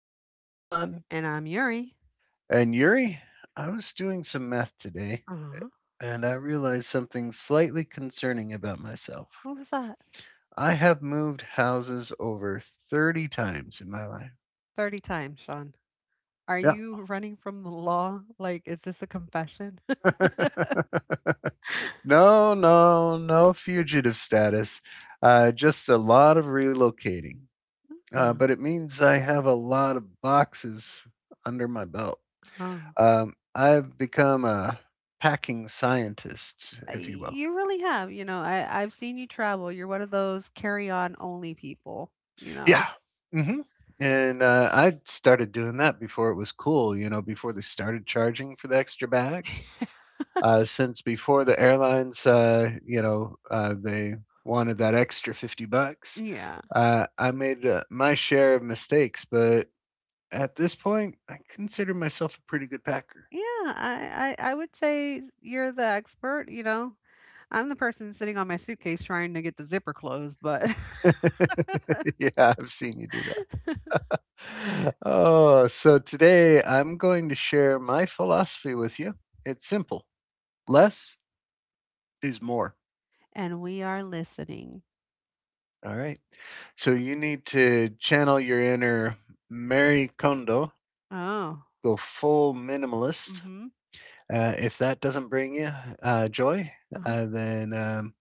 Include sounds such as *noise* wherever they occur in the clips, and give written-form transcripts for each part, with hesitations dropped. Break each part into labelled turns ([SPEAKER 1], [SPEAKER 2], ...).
[SPEAKER 1] I'm Sean.
[SPEAKER 2] And I'm Yuri.
[SPEAKER 1] And Yuri, I was doing some math today
[SPEAKER 2] Uh-huh.
[SPEAKER 1] and I realized something slightly concerning about myself.
[SPEAKER 2] What was that?
[SPEAKER 1] I have moved houses over 30 times in my life.
[SPEAKER 2] 30 times, Sean. Are you running from the law? Like, is this a confession? *laughs*
[SPEAKER 1] Yeah. *laughs* No, no, no fugitive status. Just a lot of relocating. But it means I have a lot of boxes under my belt.
[SPEAKER 2] Uh-huh.
[SPEAKER 1] I've become a packing scientist, if you will.
[SPEAKER 2] You really have. You know, I've seen you travel. You're one of those carry on only people, you
[SPEAKER 1] Yeah.
[SPEAKER 2] know?
[SPEAKER 1] hmm And I started doing that before it was cool, you know, before they started charging for the extra bag. Since before the airlines, you know, they wanted that extra $50.
[SPEAKER 2] Yeah.
[SPEAKER 1] I made my share of mistakes, but at this point, I consider myself a pretty good packer.
[SPEAKER 2] Yeah, I would say you're the expert, you know? I'm the person sitting on my suitcase trying to get the zipper closed, but.
[SPEAKER 1] *laughs* Yeah, I've seen you do. Oh, so today I'm going to share my philosophy with you. It's simple: less is more.
[SPEAKER 2] *laughs* And we are listening.
[SPEAKER 1] All right. So you need to channel your inner Mary Kondo,
[SPEAKER 2] Oh.
[SPEAKER 1] go full
[SPEAKER 2] Mm
[SPEAKER 1] minimalist.
[SPEAKER 2] hmm.
[SPEAKER 1] If that doesn't bring you joy,
[SPEAKER 2] Uh-huh.
[SPEAKER 1] then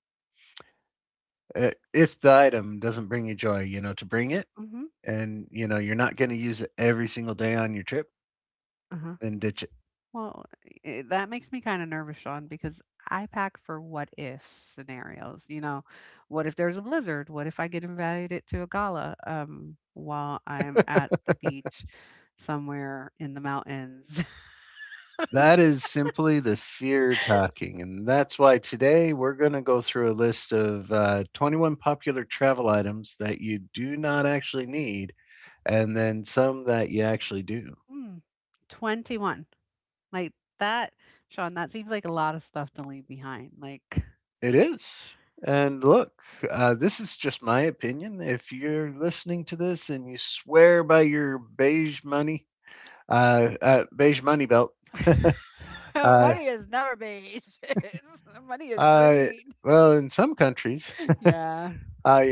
[SPEAKER 1] if the item doesn't bring you joy, to bring it
[SPEAKER 2] Mm hmm.
[SPEAKER 1] and, you're not going to use it every single day on your trip,
[SPEAKER 2] Uh huh.
[SPEAKER 1] then ditch it.
[SPEAKER 2] Well, that makes me kind of nervous, Sean, because I pack for what if scenarios. You know, what if there's a blizzard? What if I get invited to a gala while I'm at the beach somewhere in the mountains? *laughs*
[SPEAKER 1] That is simply the fear talking. And that's why today we're going to go through a list of 21 popular travel items that you do not actually need, and then some that you actually do.
[SPEAKER 2] Hmm, 21. Like that, Sean, that seems like a lot of stuff to leave behind. Like,
[SPEAKER 1] It is. And look, this is just my opinion. If you're listening to this and you swear by your beige money belt,
[SPEAKER 2] *laughs*
[SPEAKER 1] *laughs* uh,
[SPEAKER 2] money is never beige, *laughs* money is
[SPEAKER 1] uh,
[SPEAKER 2] green.
[SPEAKER 1] well, in some countries,
[SPEAKER 2] *laughs* Yeah.
[SPEAKER 1] uh,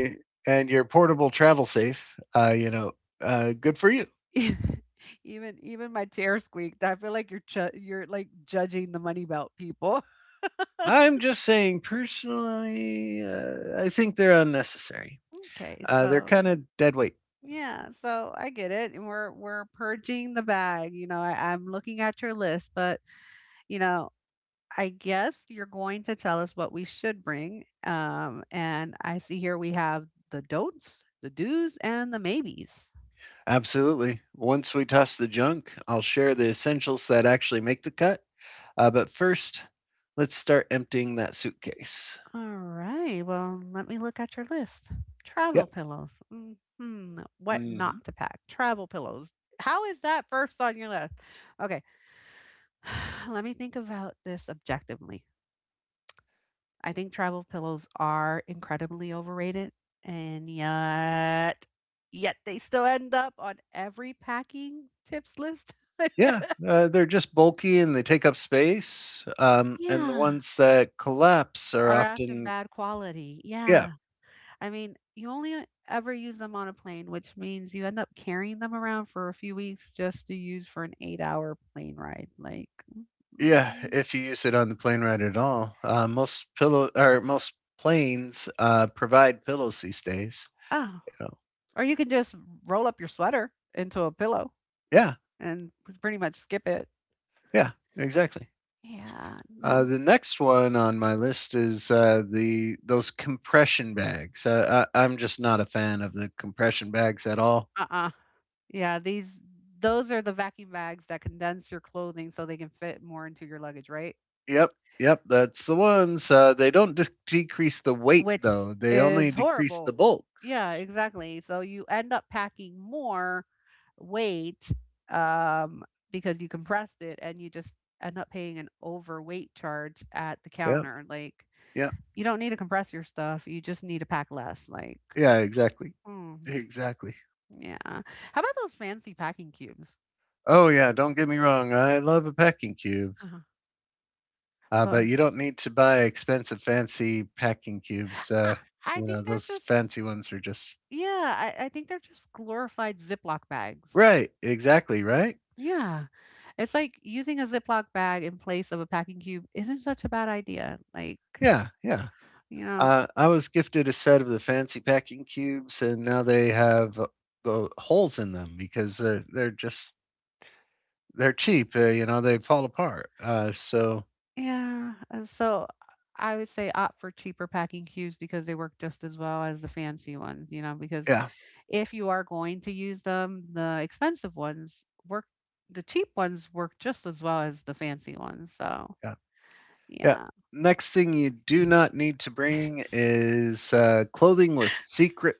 [SPEAKER 1] and you're portable travel safe, good for you.
[SPEAKER 2] E- *laughs* even my chair squeaked. I feel like you're you're like judging the money belt people.
[SPEAKER 1] I'm just saying, personally, I think they're unnecessary.
[SPEAKER 2] Okay,
[SPEAKER 1] They're
[SPEAKER 2] so
[SPEAKER 1] kind of dead weight.
[SPEAKER 2] yeah, so I get it, and we're purging the bag. You know, I'm looking at your list, but you know, I guess you're going to tell us what we should bring. And I see here we have the don'ts, the do's, and the maybes.
[SPEAKER 1] Absolutely. Once we toss the junk, I'll share the essentials that actually make the cut. But first, let's start emptying that suitcase.
[SPEAKER 2] All right. Well, let me look at your list. Travel
[SPEAKER 1] Yep.
[SPEAKER 2] pillows. Hmm. What not
[SPEAKER 1] hmm
[SPEAKER 2] to pack? Travel pillows. How is that first on your list? Okay. *sighs* Let me think about this objectively. I think travel pillows are incredibly overrated, and yet, yet they still end up on every packing tips list. *laughs*
[SPEAKER 1] Yeah, they're just bulky and they take up space. And the
[SPEAKER 2] Yeah.
[SPEAKER 1] ones that collapse are
[SPEAKER 2] Are often
[SPEAKER 1] often,
[SPEAKER 2] bad quality.
[SPEAKER 1] yeah.
[SPEAKER 2] Yeah. I mean, you only ever use them on a plane, which means you end up carrying them around for a few weeks just to use for an 8 hour plane ride. Like,
[SPEAKER 1] Yeah,
[SPEAKER 2] mm,
[SPEAKER 1] if you use it on the plane ride at all, most planes provide pillows these days.
[SPEAKER 2] oh,
[SPEAKER 1] You know.
[SPEAKER 2] or you could just roll up your sweater into a pillow
[SPEAKER 1] Yeah,
[SPEAKER 2] and pretty much skip it.
[SPEAKER 1] yeah, exactly.
[SPEAKER 2] Yeah, no.
[SPEAKER 1] The next one on my list is the those compression bags. I'm just not a fan of the compression bags at all.
[SPEAKER 2] Uh. Yeah, those are the vacuum bags that condense your clothing so they can fit more into your luggage, right?
[SPEAKER 1] Yep, yep, that's the ones. They don't just decrease the weight
[SPEAKER 2] Which
[SPEAKER 1] though; they only
[SPEAKER 2] is
[SPEAKER 1] decrease the
[SPEAKER 2] horrible.
[SPEAKER 1] bulk.
[SPEAKER 2] Yeah, exactly. So you end up packing more weight um, because you compressed it and you just end up paying an overweight charge at the
[SPEAKER 1] Yep,
[SPEAKER 2] counter. Like,
[SPEAKER 1] yep,
[SPEAKER 2] you don't need to compress your stuff, you just need to pack less. Like,
[SPEAKER 1] yeah, exactly,
[SPEAKER 2] hmm,
[SPEAKER 1] exactly.
[SPEAKER 2] yeah. How about those fancy packing cubes?
[SPEAKER 1] Oh yeah, don't get me wrong. I love a packing cube.
[SPEAKER 2] Uh-huh. But
[SPEAKER 1] But you don't need to buy expensive, fancy packing cubes.
[SPEAKER 2] I, I think
[SPEAKER 1] Those fancy ones are just
[SPEAKER 2] yeah, I think they're just glorified Ziploc bags.
[SPEAKER 1] right. Exactly right.
[SPEAKER 2] Yeah. It's like using a Ziploc bag in place of a packing cube isn't such a bad idea. Like,
[SPEAKER 1] Yeah, yeah.
[SPEAKER 2] you know,
[SPEAKER 1] I was gifted a set of the fancy packing cubes, and now they have the holes in them because they're just they're cheap. You know, they fall apart. So
[SPEAKER 2] yeah. And so I would say opt for cheaper packing cubes because they work just as well as the fancy ones, you know, because
[SPEAKER 1] yeah,
[SPEAKER 2] if you are going to use them, the expensive ones work, the cheap ones work just as well as the fancy ones. So,
[SPEAKER 1] yeah, yeah.
[SPEAKER 2] yeah.
[SPEAKER 1] Next thing you do not need to bring is clothing with secret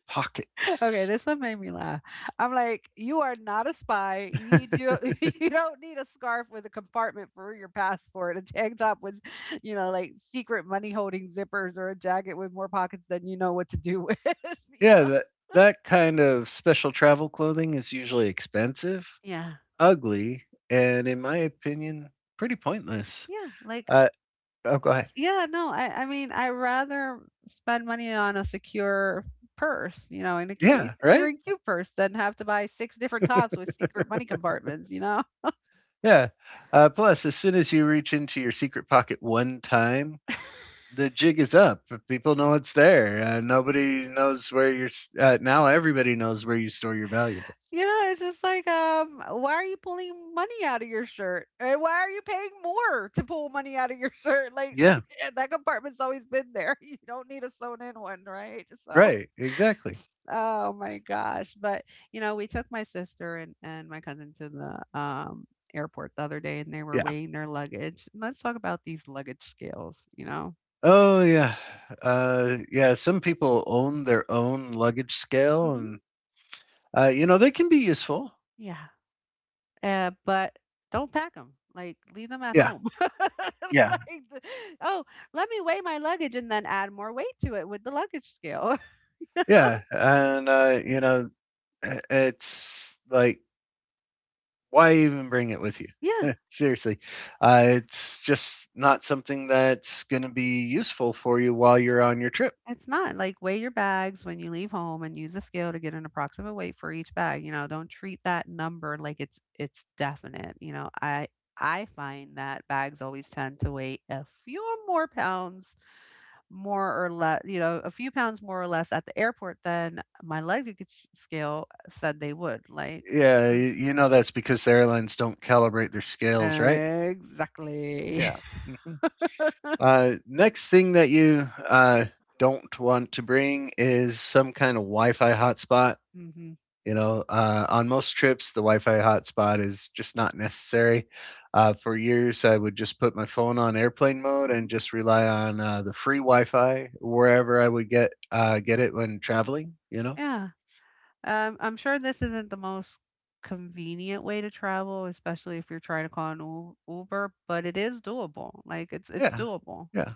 [SPEAKER 2] Okay,
[SPEAKER 1] pockets.
[SPEAKER 2] this one made me laugh. I'm like, you are not a spy. You
[SPEAKER 1] *laughs*
[SPEAKER 2] do, *laughs* you don't need a scarf with a compartment for your passport, a tank top with, you know, like secret money holding zippers or a jacket with more pockets than you know what to do with, *laughs* you
[SPEAKER 1] Yeah,
[SPEAKER 2] know?
[SPEAKER 1] that that kind of special travel clothing is usually expensive,
[SPEAKER 2] Yeah.
[SPEAKER 1] ugly, and in my opinion, pretty pointless.
[SPEAKER 2] Yeah. Like,
[SPEAKER 1] Uh, Oh, go ahead.
[SPEAKER 2] yeah, no, I mean, I rather spend money on a secure purse, you know, in a
[SPEAKER 1] Yeah,
[SPEAKER 2] secure
[SPEAKER 1] right?
[SPEAKER 2] and cute purse than have to buy six different tops with secret money compartments, you know?
[SPEAKER 1] Yeah. Plus, as soon as you reach into your secret pocket one time,
[SPEAKER 2] *laughs*
[SPEAKER 1] the jig is up. People know it's there. Nobody knows where now everybody knows where you store your valuables.
[SPEAKER 2] You know, it's just like, why are you pulling money out of your shirt? And why are you paying more to pull money out of your shirt? Like
[SPEAKER 1] Yeah,
[SPEAKER 2] *laughs* that compartment's always been there. *laughs* You don't need a sewn in one, right? So,
[SPEAKER 1] right. Exactly.
[SPEAKER 2] oh my gosh. But, you know, we took my sister and my cousin to the airport the other day and they were
[SPEAKER 1] Yeah.
[SPEAKER 2] weighing their luggage. And let's talk about these luggage scales, you know?
[SPEAKER 1] Oh, yeah. Yeah. Some people own their own luggage scale,
[SPEAKER 2] Hmm.
[SPEAKER 1] and you know, they can be useful.
[SPEAKER 2] Yeah. But don't pack them. Like leave them at
[SPEAKER 1] Yeah,
[SPEAKER 2] home. *laughs* Like,
[SPEAKER 1] yeah,
[SPEAKER 2] the- oh, let me weigh my luggage and then add more weight to it with the luggage scale. *laughs*
[SPEAKER 1] yeah. And you know, it's like, why even bring it with you?
[SPEAKER 2] Yeah,
[SPEAKER 1] *laughs* Seriously, it's just not something that's going to be useful for you while you're on your trip.
[SPEAKER 2] it's not like weigh your bags when you leave home and use a scale to get an approximate weight for each bag. You know, don't treat that number like it's definite. You know, I find that bags always tend to weigh a few more pounds more or less, you know, a few pounds more or less at the airport than my luggage scale said they would. Like, uh,
[SPEAKER 1] You know that's because the airlines don't calibrate their scales, right?
[SPEAKER 2] exactly.
[SPEAKER 1] Yeah. hmm next thing that you don't want to bring is some kind of Wi-Fi hotspot.
[SPEAKER 2] *laughs* Hmm.
[SPEAKER 1] You know, on most trips, the Wi-Fi hotspot is just not necessary. For years, I would just put my phone on airplane mode and
[SPEAKER 2] Hmm.
[SPEAKER 1] just rely on the free Wi-Fi wherever I would get it when traveling. You know,
[SPEAKER 2] Yeah. I'm sure this isn't the most convenient way to travel, especially if you're trying to call an Uber, but it is doable. Like, it's
[SPEAKER 1] yeah,
[SPEAKER 2] doable.
[SPEAKER 1] yeah.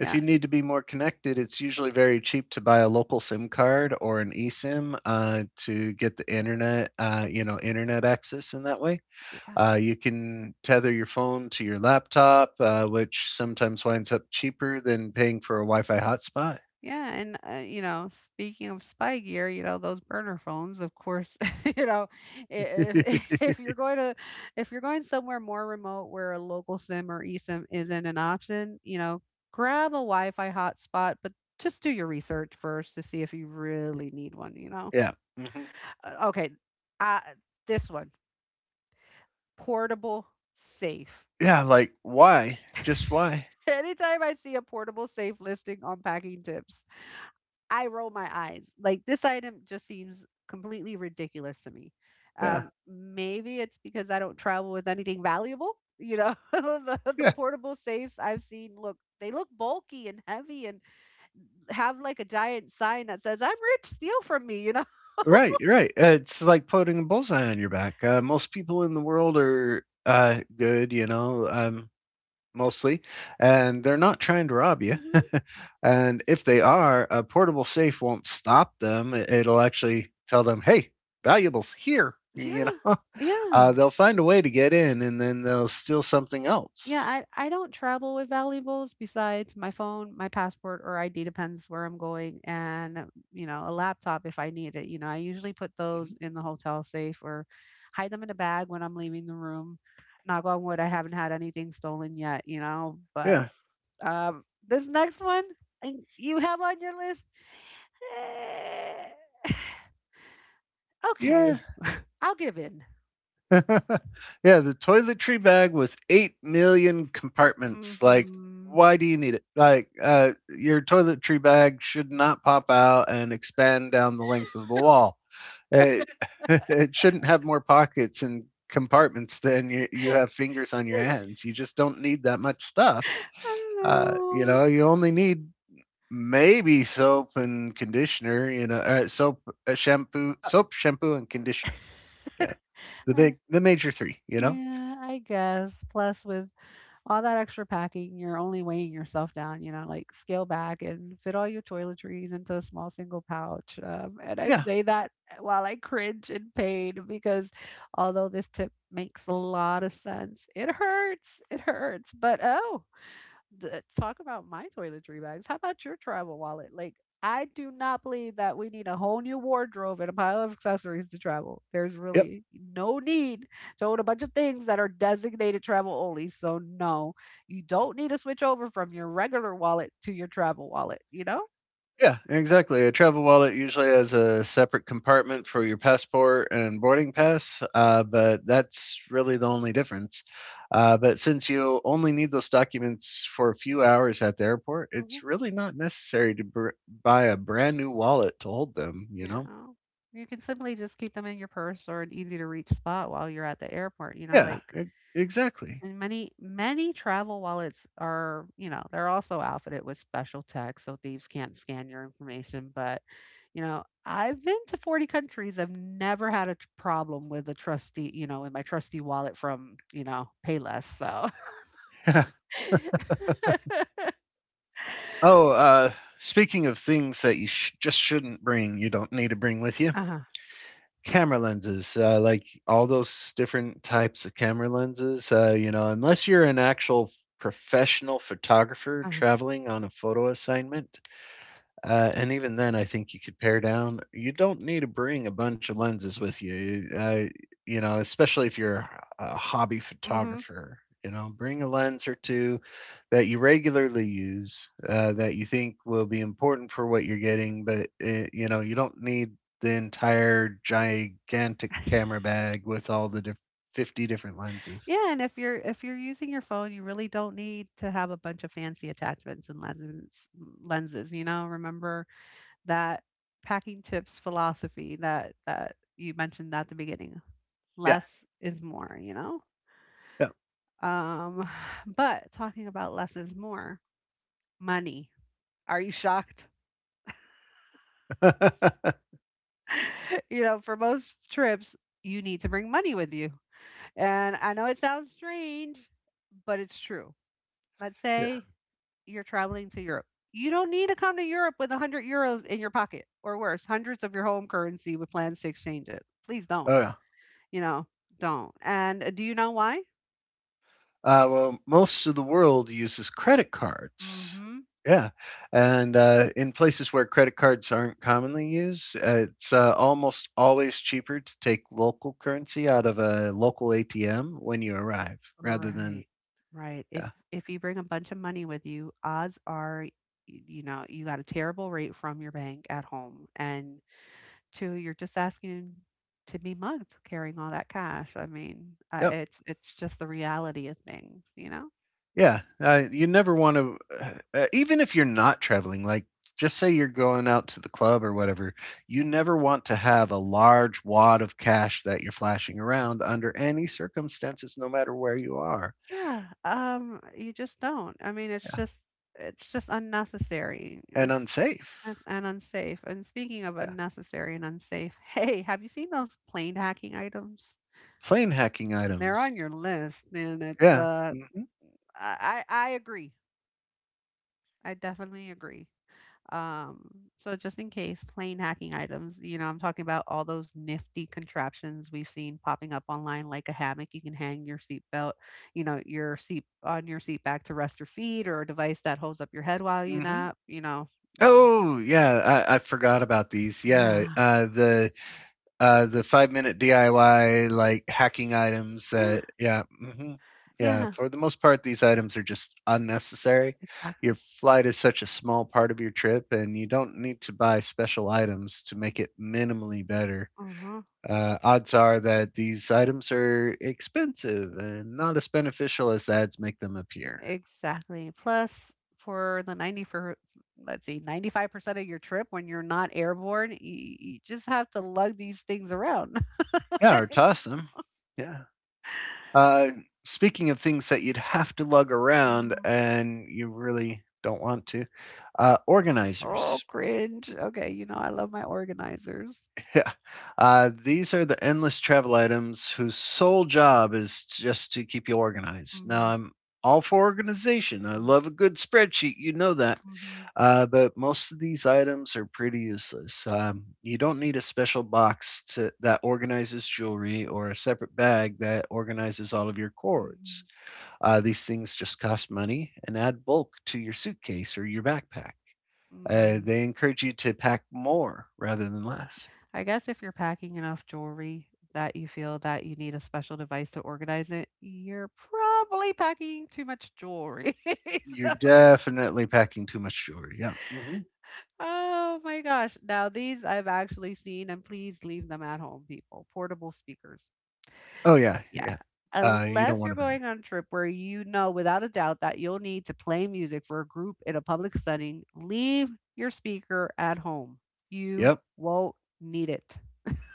[SPEAKER 1] If you need to be more connected, it's usually very cheap to buy a local SIM card or an eSIM to get the internet, internet access in that way.
[SPEAKER 2] Yeah.
[SPEAKER 1] You can tether your phone to your laptop, which sometimes winds up cheaper than paying for a Wi-Fi hotspot.
[SPEAKER 2] Yeah, and, you know, speaking of spy gear, you know, those burner phones, of course, *laughs* you know, I- if
[SPEAKER 1] *laughs*
[SPEAKER 2] *laughs* if you're going somewhere more remote where a local SIM or eSIM isn't an option, you know, grab a Wi-Fi hotspot, but just do your research first to see if you really need one, you know.
[SPEAKER 1] Yeah. hmm
[SPEAKER 2] Okay, uh, this one, portable safe.
[SPEAKER 1] yeah, like why? Just why?
[SPEAKER 2] *laughs* Anytime I see a portable safe listing on packing tips, I roll my eyes. Like this item just seems completely ridiculous to me.
[SPEAKER 1] Yeah,
[SPEAKER 2] Maybe it's because I don't travel with anything valuable. You know, *laughs* the
[SPEAKER 1] yeah,
[SPEAKER 2] portable safes I've seen look they look bulky and heavy and have like a giant sign that says "I'm rich, steal from me." You know?
[SPEAKER 1] right, right. It's like putting a bullseye on your back. Most people in the world are good, you know, mostly, and they're not trying to rob you. *laughs*
[SPEAKER 2] Hmm.
[SPEAKER 1] And if they are, a portable safe won't stop them. It'll actually tell them, "Hey, valuables here," you
[SPEAKER 2] Yeah,
[SPEAKER 1] know.
[SPEAKER 2] yeah.
[SPEAKER 1] They'll find a way to get in, and then they'll steal something
[SPEAKER 2] Yeah,
[SPEAKER 1] else.
[SPEAKER 2] I don't travel with valuables besides my phone, my passport or ID, depends where I'm going, and, you know, a laptop if I need it, you know, I usually put those
[SPEAKER 1] Mhm.
[SPEAKER 2] in the hotel safe or hide them in a bag when I'm leaving the room. Knock on wood, I haven't had anything stolen yet, you know, but,
[SPEAKER 1] Yeah.
[SPEAKER 2] this next one and you have on your list? eh, *sighs*
[SPEAKER 1] Yeah.
[SPEAKER 2] Okay, I'll give in.
[SPEAKER 1] *laughs* Yeah. The toiletry bag with 8 million compartments. Like,
[SPEAKER 2] Mhm.
[SPEAKER 1] why do you need it? Like, your toiletry bag should not pop out and expand down the length of the wall. It, *laughs* it shouldn't have more pockets and compartments than you have fingers on your hands. You just don't need that much stuff.
[SPEAKER 2] I don't
[SPEAKER 1] You
[SPEAKER 2] know.
[SPEAKER 1] know, you only need maybe soap and conditioner, you know, soap, shampoo, and conditioner. Yeah,
[SPEAKER 2] Uh.
[SPEAKER 1] the major three. You know.
[SPEAKER 2] Yeah, I guess. Plus, with all that extra packing, you're only weighing yourself down, you know, like scale back and fit all your toiletries into a small single pouch. And I
[SPEAKER 1] Yeah.
[SPEAKER 2] say that while I cringe in pain because although this tip makes a lot of sense, it hurts. It hurts. But oh, D- talk about my toiletry bags. How about your travel wallet? Like, I do not believe that we need a whole new wardrobe and a pile of accessories to travel. There's
[SPEAKER 1] Yep.
[SPEAKER 2] really no need to own a bunch of things that are designated travel only. So, no, you don't need to switch over from your regular wallet to your travel wallet, you know?
[SPEAKER 1] Yeah. Exactly. A travel wallet usually has a separate compartment for your passport and boarding pass, but that's really the only difference. But since you only need those documents for a few hours at the airport,
[SPEAKER 2] Hmm.
[SPEAKER 1] it's really not necessary to buy a brand new wallet to hold them. You know.
[SPEAKER 2] Yeah. You can simply just keep them in your purse or an easy to reach spot while you're at the airport, you know,
[SPEAKER 1] Yeah.
[SPEAKER 2] like.
[SPEAKER 1] Exactly.
[SPEAKER 2] And many travel wallets are, you know, they're also outfitted with special tech so thieves can't scan your information. But, you know, I've been to 40 countries. I've never had a problem with a trusty, you know, in my trusty wallet from, you know, Payless. So,
[SPEAKER 1] *laughs*
[SPEAKER 2] *laughs*
[SPEAKER 1] Oh, speaking of things that just shouldn't bring, you don't need to bring with you.
[SPEAKER 2] uh-huh.
[SPEAKER 1] Camera lenses, like all those different types of camera lenses, you know, unless you're an actual professional photographer
[SPEAKER 2] Uh-huh.
[SPEAKER 1] traveling on a photo assignment, and even then, I think you could pare down. You don't need to bring a bunch of lenses with you. You know, especially if you're a hobby
[SPEAKER 2] Hmm.
[SPEAKER 1] photographer. You know, bring a lens or two that you regularly use that you think will be important for what you're getting, but you know, you don't need the entire gigantic camera bag with 50 different lenses.
[SPEAKER 2] Yeah. And if you're using your phone, you really don't need to have a bunch of fancy attachments and lenses. Lenses, you know. Remember, that packing tips philosophy that you mentioned at the beginning.
[SPEAKER 1] Yeah.
[SPEAKER 2] Less is more, you know?
[SPEAKER 1] Yeah.
[SPEAKER 2] Um, *sighs* but talking about less is more, money. Are you shocked?
[SPEAKER 1] *laughs*
[SPEAKER 2] *laughs* You know, for most trips, you need to bring money with you. And I know it sounds strange, but it's true. Let's
[SPEAKER 1] Yeah.
[SPEAKER 2] say you're traveling to Europe. You don't need to come to Europe with €100 in your pocket or worse, hundreds of your home currency with plans to exchange it. Please don't.
[SPEAKER 1] Oh, yeah.
[SPEAKER 2] You know, don't. And do you know why?
[SPEAKER 1] Well, most of the world uses credit cards.
[SPEAKER 2] Mhm.
[SPEAKER 1] Yeah, and in places where credit cards aren't commonly used, it's almost always cheaper to take local currency out of a local ATM when you arrive rather than
[SPEAKER 2] Right. Right.
[SPEAKER 1] yeah,
[SPEAKER 2] If you bring a bunch of money with you, odds are you know, you got a terrible rate from your bank at home. And two, you're just asking to be mugged carrying all that cash. I mean,
[SPEAKER 1] yep,
[SPEAKER 2] it's just the reality of things, you know?
[SPEAKER 1] yeah. You never want to, even if you're not traveling, just say you're going out to the club or whatever, you never want to have a large wad of cash that you're flashing around under any circumstances, no matter where you are.
[SPEAKER 2] Yeah, you just don't. I mean,
[SPEAKER 1] *laughs* Yeah,
[SPEAKER 2] it's just unnecessary.
[SPEAKER 1] and
[SPEAKER 2] It's
[SPEAKER 1] unsafe.
[SPEAKER 2] and unsafe. And speaking of
[SPEAKER 1] Yeah.
[SPEAKER 2] unnecessary and unsafe, *laughs* hey, have you seen those plane hacking items?
[SPEAKER 1] Plane hacking
[SPEAKER 2] They're
[SPEAKER 1] items.
[SPEAKER 2] on your list, and it's
[SPEAKER 1] Yeah. Mhm.
[SPEAKER 2] I agree. I definitely agree. Um, so just in case, plain hacking items, you know, I'm talking about all those nifty contraptions we've seen popping up online, like a hammock you can hang your seatbelt, you know, your seat on your seat back to rest your feet, or a device that holds up your head while you
[SPEAKER 1] Mhm.
[SPEAKER 2] nap, you know. Mm,
[SPEAKER 1] Oh, yeah, I forgot about these. Yeah,
[SPEAKER 2] yeah.
[SPEAKER 1] uh, the Uh, the 5 minute DIY like hacking items
[SPEAKER 2] Yeah.
[SPEAKER 1] that yeah yeah
[SPEAKER 2] Yeah.
[SPEAKER 1] for the most part these items are just unnecessary. Your
[SPEAKER 2] Exactly.
[SPEAKER 1] flight is such a small part of your trip, and you don't need to buy special items to make it minimally better.
[SPEAKER 2] Uh-huh.
[SPEAKER 1] Odds are that these items are expensive and not as beneficial as the ads make them appear.
[SPEAKER 2] Exactly. Plus, for the 90 for let's see, 95% of your trip when you're not airborne, you just have to lug these things around.
[SPEAKER 1] Yeah, or
[SPEAKER 2] *laughs*
[SPEAKER 1] toss them. Yeah. Uh, speaking of things that you'd have to lug around
[SPEAKER 2] Mm.
[SPEAKER 1] and you really don't want to,
[SPEAKER 2] Oh,
[SPEAKER 1] organizers.
[SPEAKER 2] cringe. Okay, you know I love my organizers.
[SPEAKER 1] These are the endless travel items whose sole job is just to keep you organized. Now,
[SPEAKER 2] Mhm,
[SPEAKER 1] I'm all for organization. I love a good spreadsheet. You know that.
[SPEAKER 2] mhm,
[SPEAKER 1] But most of these items are pretty useless. You don't need a special box to, that organizes jewelry or a separate bag that organizes all of your cords.
[SPEAKER 2] mhm,
[SPEAKER 1] These things just cost money and add bulk to your suitcase or your backpack.
[SPEAKER 2] mm.
[SPEAKER 1] They encourage you to pack more rather than less.
[SPEAKER 2] I guess if you're packing enough jewelry that you feel that you need a special device to organize it, you're probably packing too much jewelry. *laughs*
[SPEAKER 1] You're
[SPEAKER 2] so,
[SPEAKER 1] definitely packing too much jewelry. Yeah.
[SPEAKER 2] oh my gosh. Now, these I've actually seen, and please leave them at home, people. Portable speakers.
[SPEAKER 1] Oh yeah, yeah. You don't
[SPEAKER 2] Unless
[SPEAKER 1] want
[SPEAKER 2] you're
[SPEAKER 1] to bring.
[SPEAKER 2] going on a trip where you know without a doubt that you'll need to play music for a group in a public setting, leave your speaker at home.
[SPEAKER 1] It.
[SPEAKER 2] You
[SPEAKER 1] Yep.
[SPEAKER 2] won't need it.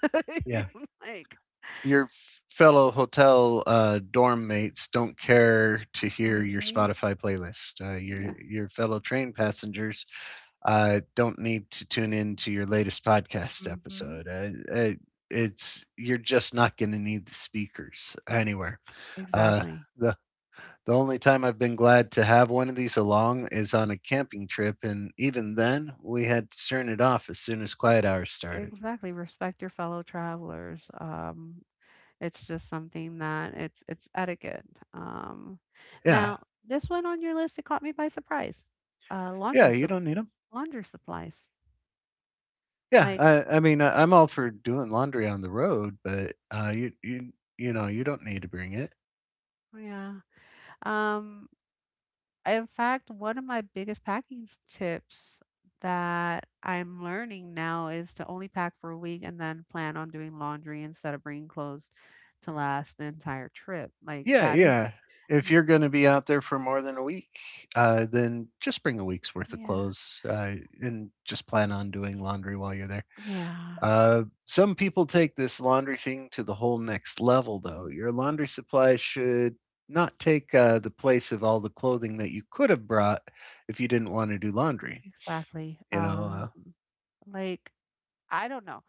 [SPEAKER 2] *laughs*
[SPEAKER 1] Yeah.
[SPEAKER 2] Like
[SPEAKER 1] Your fellow hotel dorm mates don't care to
[SPEAKER 2] mm,
[SPEAKER 1] hear your
[SPEAKER 2] mhm,
[SPEAKER 1] Spotify playlist. Your
[SPEAKER 2] yeah,
[SPEAKER 1] your fellow train passengers don't need to tune in to your latest podcast
[SPEAKER 2] mhm.
[SPEAKER 1] episode. It's You're just not going to need the speakers anywhere. Uh,
[SPEAKER 2] Exactly.
[SPEAKER 1] the the only time I've been glad to have one of these along is on a camping trip, and even then we had to turn it off as soon as quiet hours started.
[SPEAKER 2] Exactly, respect your fellow travelers, it's just something that it's etiquette. um,
[SPEAKER 1] Yeah,
[SPEAKER 2] Now, this one on your list, it caught me by surprise. uh,
[SPEAKER 1] yeah,
[SPEAKER 2] laundry
[SPEAKER 1] you
[SPEAKER 2] sup
[SPEAKER 1] don't need them.
[SPEAKER 2] Laundry supplies,
[SPEAKER 1] Yeah,
[SPEAKER 2] like,
[SPEAKER 1] I mean, I'm all for doing laundry on the road, but you you you know you don't need to bring it.
[SPEAKER 2] oh, yeah. Um, in fact, one of my biggest packing tips that I'm learning now is to only pack for a week and then plan on doing laundry instead of bringing clothes to last the entire trip. Like
[SPEAKER 1] Yeah,
[SPEAKER 2] that is,
[SPEAKER 1] yeah. If you're gonna be out there for more than a week, then just bring a week's worth of
[SPEAKER 2] yeah,
[SPEAKER 1] clothes, and just plan on doing laundry while you're there.
[SPEAKER 2] yeah,
[SPEAKER 1] Some people take this laundry thing to the whole next level, though.
[SPEAKER 2] mhm,
[SPEAKER 1] Your laundry supply should not take the place of all the clothing that you could have brought if you didn't want to do laundry.
[SPEAKER 2] exactly.
[SPEAKER 1] You know, uh,
[SPEAKER 2] Like I don't know.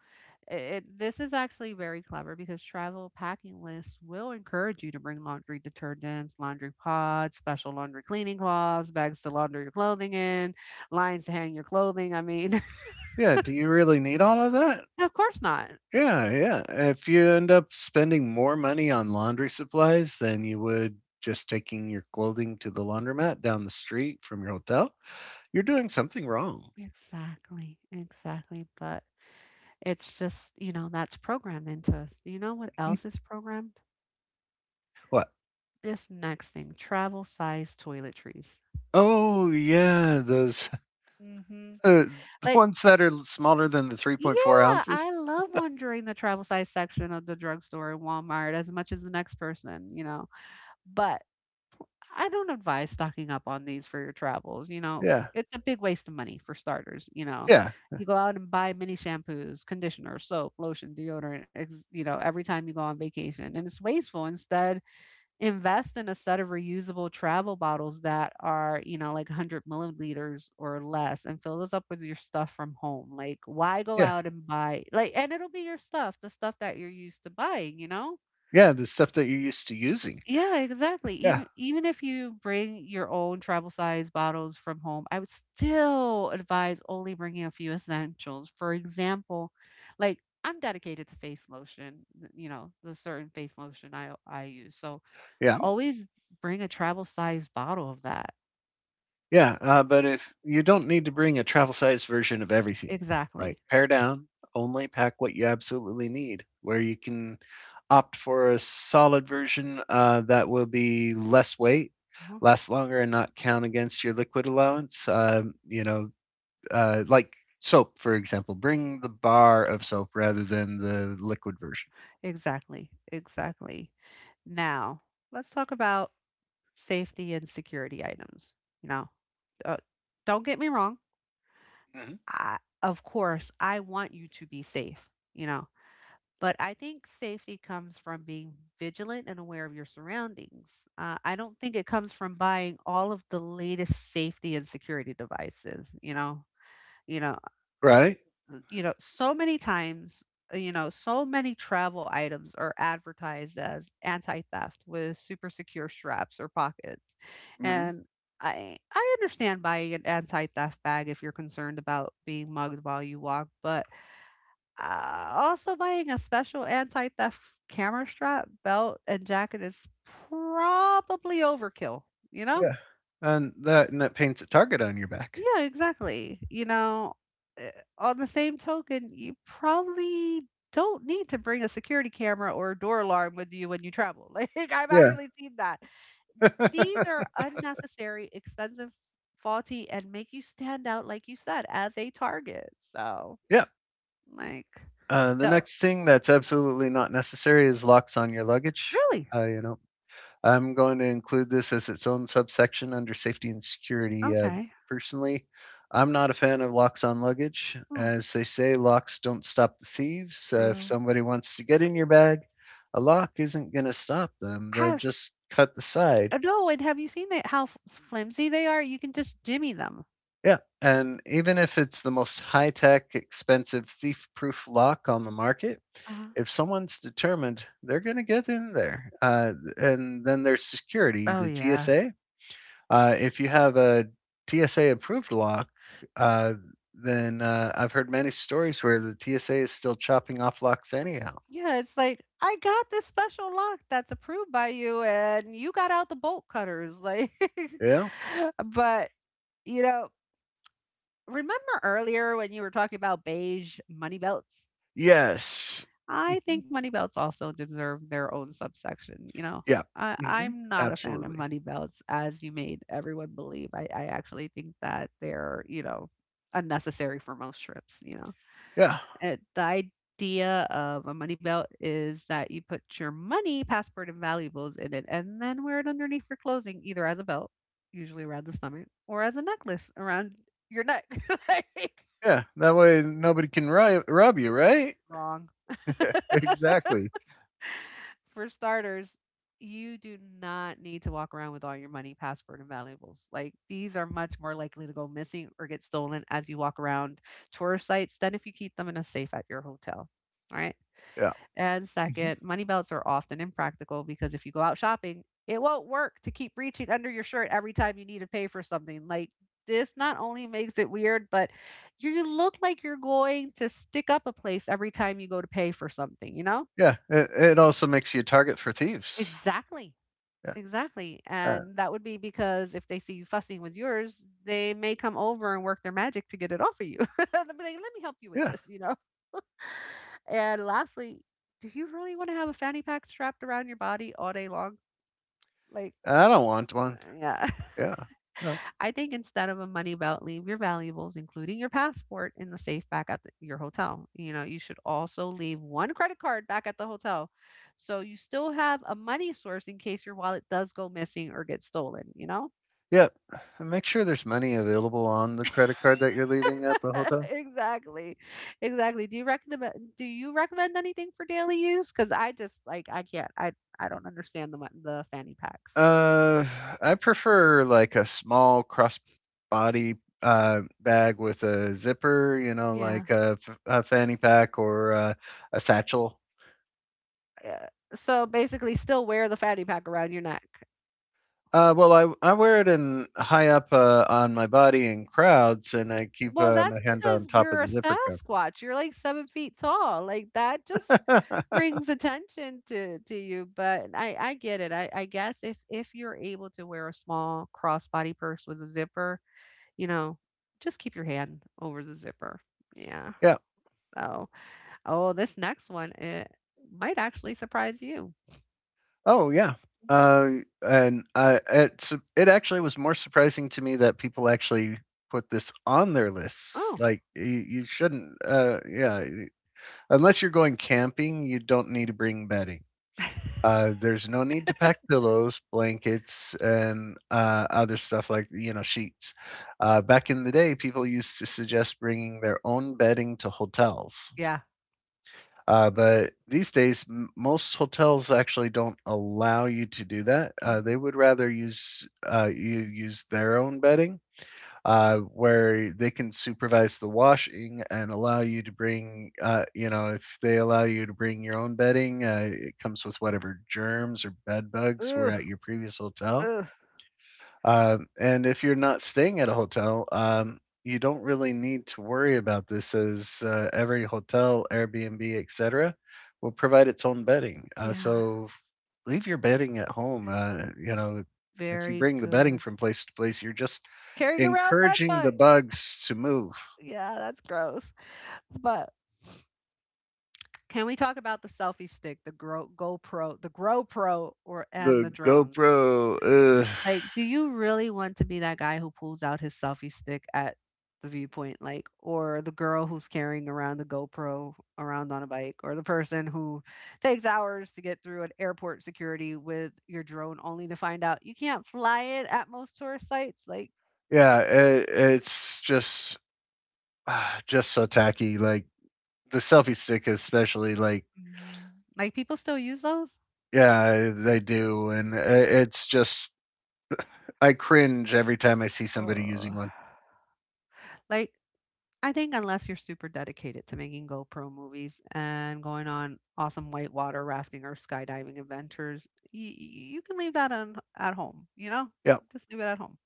[SPEAKER 2] This is actually very clever because travel packing lists will encourage you to bring laundry detergents, laundry pods, special laundry cleaning cloths, bags to launder your clothing in, lines to hang your clothing. I mean,
[SPEAKER 1] yeah. Do you really need all of that?
[SPEAKER 2] *laughs* of course not.
[SPEAKER 1] Yeah, yeah. If you end up spending more money on laundry supplies than you would just taking your clothing to the laundromat down the street from your hotel, you're doing something wrong.
[SPEAKER 2] Exactly, exactly. But it's just, you know, that's programmed into us. You know what else
[SPEAKER 1] *laughs*
[SPEAKER 2] is programmed?
[SPEAKER 1] What?
[SPEAKER 2] This next thing, travel size toiletries.
[SPEAKER 1] Oh, yeah, those
[SPEAKER 2] Hmm.
[SPEAKER 1] *laughs* the
[SPEAKER 2] Like,
[SPEAKER 1] ones that are smaller than the 3.4
[SPEAKER 2] yeah,
[SPEAKER 1] ounces.
[SPEAKER 2] I love wandering the travel size section of the drugstore in Walmart as much as the next person, you know. But I don't advise stocking up on these for your travels, you know.
[SPEAKER 1] Yeah,
[SPEAKER 2] It's a big waste of money for starters, you know. Yeah.
[SPEAKER 1] yeah,
[SPEAKER 2] You go out and buy mini shampoos, conditioner, soap, lotion, deodorant, you know, every time you go on vacation and it's wasteful. Instead, invest in a set of reusable travel bottles that are, you know, like 100 milliliters or less and fill those up with your stuff from home. Like, why go
[SPEAKER 1] yeah,
[SPEAKER 2] out and buy, like, and it'll be your stuff, the stuff that you're used to buying, you know?
[SPEAKER 1] yeah. The stuff that you're used to using.
[SPEAKER 2] Yeah, exactly.
[SPEAKER 1] Yeah,
[SPEAKER 2] Even if you bring your own travel size bottles from home, I would still advise only bringing a few essentials. For example, like I'm dedicated to face lotion, you know, the certain face lotion I use. So
[SPEAKER 1] yeah.
[SPEAKER 2] always bring a travel size bottle of that.
[SPEAKER 1] Yeah, but if you don't need to bring a travel-sized version of everything,
[SPEAKER 2] Exactly.
[SPEAKER 1] like pare down, only pack what you absolutely need, where you can opt for a solid version that will be less weight,
[SPEAKER 2] Mhm.
[SPEAKER 1] last longer, and not count against your liquid allowance. Like soap, for example, bring the bar of soap rather than the liquid version.
[SPEAKER 2] Exactly. Exactly. Now, let's talk about safety and security items. You know, uh, don't get me wrong.
[SPEAKER 1] Hmm.
[SPEAKER 2] Of course, I want you to be safe, you know, but I think safety comes from being vigilant and aware of your surroundings. I don't think it comes from buying all of the latest safety and security devices, you know. You know,
[SPEAKER 1] Right?
[SPEAKER 2] you know, so many times, you know, so many travel items are advertised as anti-theft with super secure straps or pockets.
[SPEAKER 1] Hmm.
[SPEAKER 2] And I understand buying an anti-theft bag if you're concerned about being mugged while you walk, but also buying a special anti-theft camera strap, belt, and jacket is probably overkill, you know?
[SPEAKER 1] Yeah, and that paints a target on your back.
[SPEAKER 2] Yeah, exactly. You know, uh, on the same token, you probably don't need to bring a security camera or a door alarm with you when you travel. *laughs* Like, I've
[SPEAKER 1] Yeah.
[SPEAKER 2] actually seen that. These are
[SPEAKER 1] *laughs*
[SPEAKER 2] unnecessary, expensive, faulty, and make you stand out, like you said, as a target. So,
[SPEAKER 1] Yeah.
[SPEAKER 2] like,
[SPEAKER 1] The
[SPEAKER 2] don't
[SPEAKER 1] next thing that's absolutely not necessary is locks on your luggage.
[SPEAKER 2] really.
[SPEAKER 1] Uh, you know, I'm going to include this as its own subsection under safety and security.
[SPEAKER 2] Okay.
[SPEAKER 1] Personally, I'm not a fan of locks on luggage.
[SPEAKER 2] Oh,
[SPEAKER 1] As they say, locks don't stop the thieves. If
[SPEAKER 2] true.
[SPEAKER 1] somebody wants to get in your bag, a lock isn't going to stop them. They'll
[SPEAKER 2] Have
[SPEAKER 1] just cut the side.
[SPEAKER 2] no, and have you seen that how flimsy they are? You can just jimmy them.
[SPEAKER 1] Yeah, and even if it's the most high tech, expensive, thief proof lock on the market,
[SPEAKER 2] Uh,
[SPEAKER 1] if someone's determined, they're going to get in there. And then there's security,
[SPEAKER 2] Oh,
[SPEAKER 1] the
[SPEAKER 2] yeah.
[SPEAKER 1] TSA. If you have a TSA approved lock, uh, then I've heard many stories where the TSA is still chopping off locks anyhow.
[SPEAKER 2] Yeah, it's like, "I got this special lock that's approved by you, and you got out the bolt cutters." Like,
[SPEAKER 1] Yeah.
[SPEAKER 2] *laughs* but, you know, remember earlier when you were talking about beige money belts?
[SPEAKER 1] Yes.
[SPEAKER 2] I
[SPEAKER 1] Mhm.
[SPEAKER 2] think money belts also deserve their own subsection, you know?
[SPEAKER 1] Yeah. Hmm.
[SPEAKER 2] I'm not a fan of
[SPEAKER 1] Absolutely.
[SPEAKER 2] money belts, as you made everyone believe. I actually think that they're, you know, unnecessary for most trips, you know?
[SPEAKER 1] Yeah.
[SPEAKER 2] The idea of a money belt is that you put your money, passport, and valuables in it, and then wear it underneath for clothing, either as a belt, usually around the stomach, or as a necklace around your neck. *laughs* Like,
[SPEAKER 1] Yeah. That way nobody can rob you, right? *laughs*
[SPEAKER 2] wrong.
[SPEAKER 1] Exactly.
[SPEAKER 2] *laughs* For starters, you do not need to walk around with all your money, passport, and valuables. Like, these are much more likely to go missing or get stolen as you walk around tourist sites than if you keep them in a safe at your hotel. All right.
[SPEAKER 1] Yeah.
[SPEAKER 2] And
[SPEAKER 1] Mhm.
[SPEAKER 2] second, money belts are often impractical because if you go out shopping, it won't work to keep reaching under your shirt every time you need to pay for something. Like, this not only makes it weird, but you look like you're going to stick up a place every time you go to pay for something, you know?
[SPEAKER 1] Yeah. It also makes you a target for thieves.
[SPEAKER 2] Exactly.
[SPEAKER 1] Yeah.
[SPEAKER 2] Exactly.
[SPEAKER 1] Uh,
[SPEAKER 2] And that would be because if they see you fussing with yours, they may come over and work their magic to get it off of you. *laughs* They'll be like, let me help you with
[SPEAKER 1] yeah.
[SPEAKER 2] this, you know? And lastly, do you really want to have a fanny pack strapped around your body all day long? Like,
[SPEAKER 1] I don't want one.
[SPEAKER 2] yeah.
[SPEAKER 1] Yeah.
[SPEAKER 2] *laughs*
[SPEAKER 1] No.
[SPEAKER 2] I think instead of a money belt, leave your valuables, including your passport, in the safe back at your hotel. You know, you should also leave one credit card back at the hotel. So you still have a money source in case your wallet does go missing or get stolen, you know?
[SPEAKER 1] Yeah. And make sure there's money available on the credit card that you're leaving at the
[SPEAKER 2] *laughs*
[SPEAKER 1] hotel.
[SPEAKER 2] Exactly. Exactly. Do you recommend anything for daily use? Cuz I just like I can't I don't understand the the fanny packs.
[SPEAKER 1] Uh, I prefer like a small crossbody bag with a zipper, you know,
[SPEAKER 2] Yeah.
[SPEAKER 1] like a, a fanny pack or a satchel.
[SPEAKER 2] Uh, So basically still wear the fanny pack around your neck.
[SPEAKER 1] Well, I wear it in high up on my body in crowds, and I keep
[SPEAKER 2] Well,
[SPEAKER 1] my
[SPEAKER 2] that's
[SPEAKER 1] hand on
[SPEAKER 2] because
[SPEAKER 1] top of
[SPEAKER 2] you're a
[SPEAKER 1] the zipper
[SPEAKER 2] Sasquatch. You're like 7 feet tall. Like that just
[SPEAKER 1] cover. *laughs*
[SPEAKER 2] brings attention to you, but I get it. I guess if you're able to wear a small crossbody purse with a zipper, you know, just keep your hand over the zipper. Yeah.
[SPEAKER 1] Yeah.
[SPEAKER 2] So, oh, this next one it might actually surprise you.
[SPEAKER 1] Oh yeah.
[SPEAKER 2] Mhm.
[SPEAKER 1] Uh, and it's it actually was more surprising to me that people actually put this on their lists.
[SPEAKER 2] Oh.
[SPEAKER 1] Like you shouldn't. Yeah, unless you're going camping, you don't need to bring bedding.
[SPEAKER 2] *laughs*
[SPEAKER 1] There's no need to pack pillows, blankets, and other stuff like you know sheets. Back in the day, people used to suggest bringing their own bedding to hotels.
[SPEAKER 2] Yeah.
[SPEAKER 1] But these days, most hotels actually don't allow you to do that. They
[SPEAKER 2] Mhm.
[SPEAKER 1] would rather use you use their own bedding, where they can supervise the washing and allow you to bring. You know, if they allow you to bring your own bedding, it comes with whatever germs or bed bugs were
[SPEAKER 2] Ugh,
[SPEAKER 1] at your previous hotel.
[SPEAKER 2] ugh.
[SPEAKER 1] And if you're not staying at a hotel, you don't really need to worry about this as every hotel, Airbnb, etc., will provide its own bedding.
[SPEAKER 2] Yeah.
[SPEAKER 1] So leave your bedding at home. You know, if you
[SPEAKER 2] Very
[SPEAKER 1] bring the bedding
[SPEAKER 2] good.
[SPEAKER 1] from place to place, you're just
[SPEAKER 2] Carrying around bed
[SPEAKER 1] encouraging the
[SPEAKER 2] bugs.
[SPEAKER 1] bugs to move.
[SPEAKER 2] Yeah, that's gross. But can we talk about the selfie stick, the GoPro, the GoPro, or and
[SPEAKER 1] The
[SPEAKER 2] the drones?
[SPEAKER 1] GoPro, ugh.
[SPEAKER 2] Like, do you really want to be that guy who pulls out his selfie stick at the viewpoint, like, or the girl who's carrying around the GoPro around on a bike, or the person who takes hours to get through an airport security with your drone, only to find out you can't fly it at most tourist sites? Like,
[SPEAKER 1] Yeah, it's just ah, just so tacky. Like the selfie stick, especially like
[SPEAKER 2] hmm, like people still use those?
[SPEAKER 1] yeah, they do, and it's just I cringe every time I see somebody using
[SPEAKER 2] Oh.
[SPEAKER 1] one.
[SPEAKER 2] Like, I think unless you're super dedicated to making GoPro movies and going on awesome whitewater rafting or skydiving adventures, you can leave that on at home, you know?
[SPEAKER 1] Yep,
[SPEAKER 2] Just leave it at home.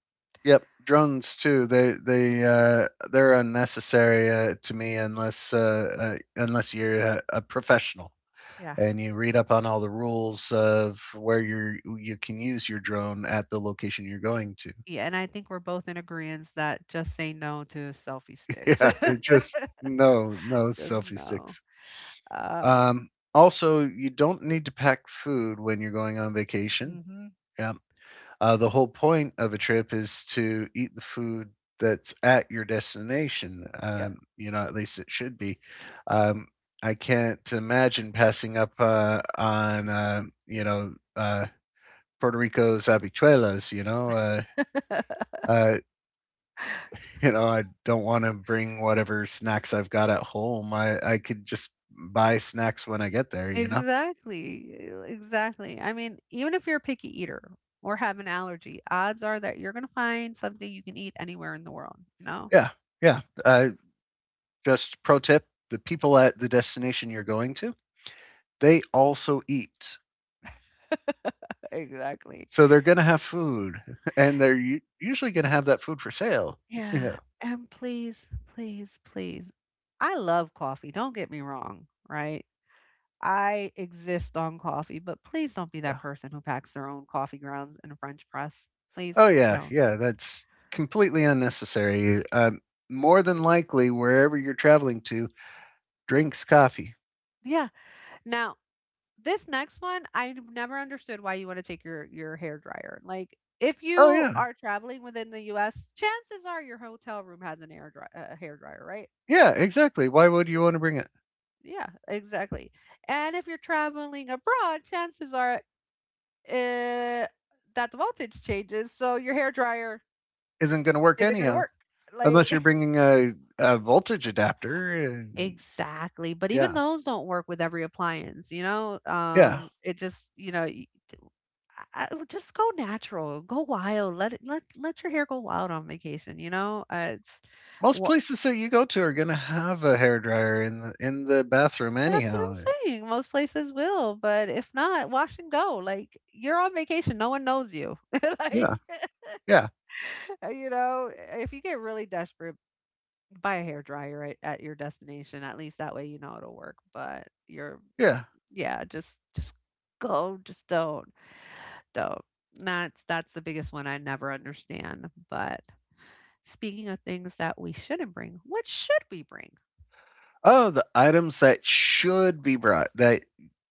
[SPEAKER 1] yep. Drones too. They're unnecessary to me unless you're a professional
[SPEAKER 2] Yeah.
[SPEAKER 1] and you read up on all the rules of where you are you can use your drone at the location you're going to. *laughs*
[SPEAKER 2] Yeah, and I think we're both in agreement that just say no to selfie sticks.
[SPEAKER 1] Yeah, it just no no
[SPEAKER 2] *laughs* Just
[SPEAKER 1] selfie
[SPEAKER 2] no.
[SPEAKER 1] sticks.
[SPEAKER 2] Um,
[SPEAKER 1] Um, Also, you don't need to pack food when you're going on vacation.
[SPEAKER 2] hmm.
[SPEAKER 1] Yeah, the whole point of a trip is to eat the food that's at your destination. You know, at least it should be. Um, I can't imagine passing up on Puerto Rico's habichuelas.
[SPEAKER 2] Yep.
[SPEAKER 1] Uh, *laughs* you know, I don't want to bring whatever snacks I've got at home. I could just buy snacks when I get
[SPEAKER 2] *laughs*
[SPEAKER 1] there. You know.
[SPEAKER 2] Exactly. Exactly. I mean, even if you're a picky eater or have an allergy, odds are that you're going to find something you can eat anywhere in the world, you know?
[SPEAKER 1] Yeah, yeah. Just pro tip: the people at the destination you're going to, they also eat.
[SPEAKER 2] Exactly.
[SPEAKER 1] So they're gonna have food, *laughs* and they're u usually gonna have that food for sale. *laughs*
[SPEAKER 2] Yeah.
[SPEAKER 1] Yeah,
[SPEAKER 2] And please, please, please. I love coffee. Don't get me wrong, right? I exist on coffee, but please don't be
[SPEAKER 1] yeah.
[SPEAKER 2] that person who packs their own coffee grounds in a French press. Please
[SPEAKER 1] Oh, yeah,
[SPEAKER 2] don't.
[SPEAKER 1] yeah, that's completely unnecessary. More than likely, wherever you're traveling to drinks coffee.
[SPEAKER 2] Yeah. Now, this next one, I never understood why you want to take your hair dryer. Like, if
[SPEAKER 1] Oh,
[SPEAKER 2] you
[SPEAKER 1] yeah.
[SPEAKER 2] are traveling within the U.S., chances are your hotel room has an air dry, a hair dryer, right?
[SPEAKER 1] Yeah, exactly. Why would you wanna bring it?
[SPEAKER 2] Yeah, exactly. And if you're traveling abroad, chances are Uh, that the voltage changes, so your hair dryer
[SPEAKER 1] Isn't gonna work
[SPEAKER 2] isn't gonna
[SPEAKER 1] anyhow,
[SPEAKER 2] work.
[SPEAKER 1] unless you're
[SPEAKER 2] Like, *laughs*
[SPEAKER 1] bringing a voltage adapter and
[SPEAKER 2] exactly. But even
[SPEAKER 1] yeah,
[SPEAKER 2] those don't work with every appliance, you know?
[SPEAKER 1] yeah.
[SPEAKER 2] It just, you know, I would just go natural, go wild. Let your hair go wild on vacation, you know?
[SPEAKER 1] Most
[SPEAKER 2] What,
[SPEAKER 1] places that you go to are gonna have a hairdryer in the bathroom
[SPEAKER 2] that's what
[SPEAKER 1] anyhow.
[SPEAKER 2] I'm saying. Most places will, but if not, wash and go. Like, you're on vacation. No one knows you. *laughs* Like,
[SPEAKER 1] Yeah,
[SPEAKER 2] *laughs*
[SPEAKER 1] yeah,
[SPEAKER 2] you know, if you get really desperate, buy a hair dryer at your destination. At least that way you know it'll work. But you're,
[SPEAKER 1] yeah.
[SPEAKER 2] yeah, just go, just don't, don't. That's the biggest one I never understand. But speaking of things that we shouldn't bring, what should we bring?
[SPEAKER 1] Oh, the items that should be brought that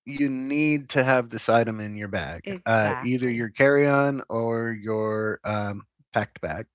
[SPEAKER 1] you need to have this item in your bag, either your
[SPEAKER 2] Exactly.
[SPEAKER 1] carry-on or your packed bag.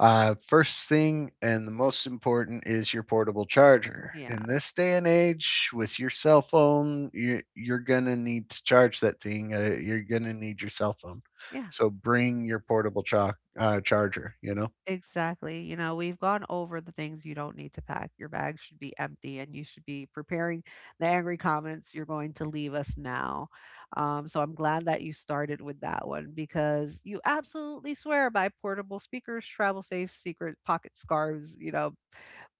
[SPEAKER 1] First thing and the most important is your portable charger. In
[SPEAKER 2] Yeah.
[SPEAKER 1] this day and age, with your cell phone, you're gonna need to charge that thing. You're gonna need your cell phone,
[SPEAKER 2] Yeah.
[SPEAKER 1] so bring your portable charger. You know
[SPEAKER 2] Exactly. You know, we've gone over the things you don't need to pack. Your bag should be empty and you should be preparing the angry comments you're going to leave us now. So I'm glad that you started with that one because you absolutely swear by portable speakers, travel safe, secret pocket scarves, you know.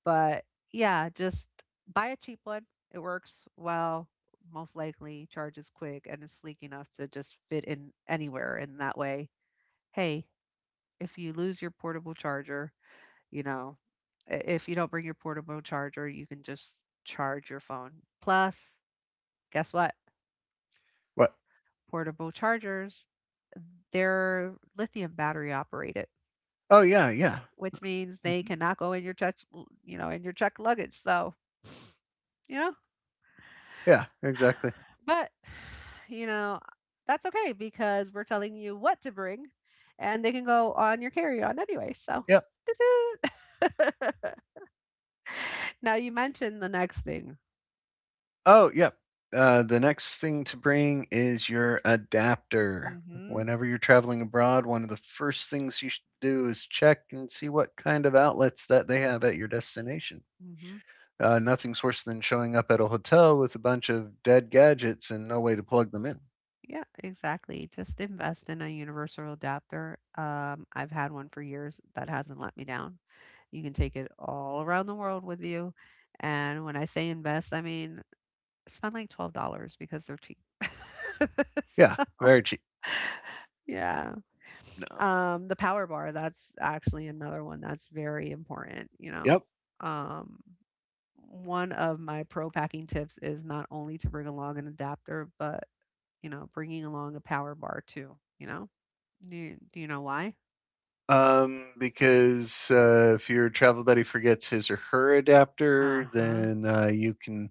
[SPEAKER 2] But yeah, just buy a cheap one. It works well, most likely, charges quick, and is sleek enough to just fit in anywhere. And that way, hey, if you lose your portable charger, you know, if you don't bring your portable charger, you can just charge your phone. Plus, guess what?
[SPEAKER 1] what?
[SPEAKER 2] Portable chargers, they're lithium battery operated,
[SPEAKER 1] Oh yeah, yeah,
[SPEAKER 2] which means they
[SPEAKER 1] mhm,
[SPEAKER 2] cannot go in your check, you know, in your check luggage. So, *sighs* you know,
[SPEAKER 1] yeah, exactly.
[SPEAKER 2] but *sighs* you know, that's okay because we're telling you what to bring and they can go on your carry-on anyway. So, *laughs* now you mentioned the next thing.
[SPEAKER 1] Oh, yep. The next thing to bring is your adapter.
[SPEAKER 2] Mm-hmm.
[SPEAKER 1] Whenever you're traveling abroad, one of the first things you should do is check and see what kind of outlets that they have at your destination.
[SPEAKER 2] Mhm.
[SPEAKER 1] Nothing's worse than showing up at a hotel with a bunch of dead gadgets and no way to plug them in.
[SPEAKER 2] Yeah, exactly. Just invest in a universal adapter. I've had one for years that hasn't let me down. You can take it all around the world with you. And when I say invest, I mean spend like $12 because they're cheap. *laughs*
[SPEAKER 1] Yeah,
[SPEAKER 2] So,
[SPEAKER 1] very cheap.
[SPEAKER 2] yeah.
[SPEAKER 1] No.
[SPEAKER 2] The power bar, that's actually another one that's very important, you know.
[SPEAKER 1] Yep.
[SPEAKER 2] Um, One of my pro packing tips is not only to bring along an adapter, but you know, bringing along a power bar too. You know, do you know why?
[SPEAKER 1] Because if your travel buddy forgets his or her
[SPEAKER 2] Uh
[SPEAKER 1] adapter,
[SPEAKER 2] huh.
[SPEAKER 1] then you can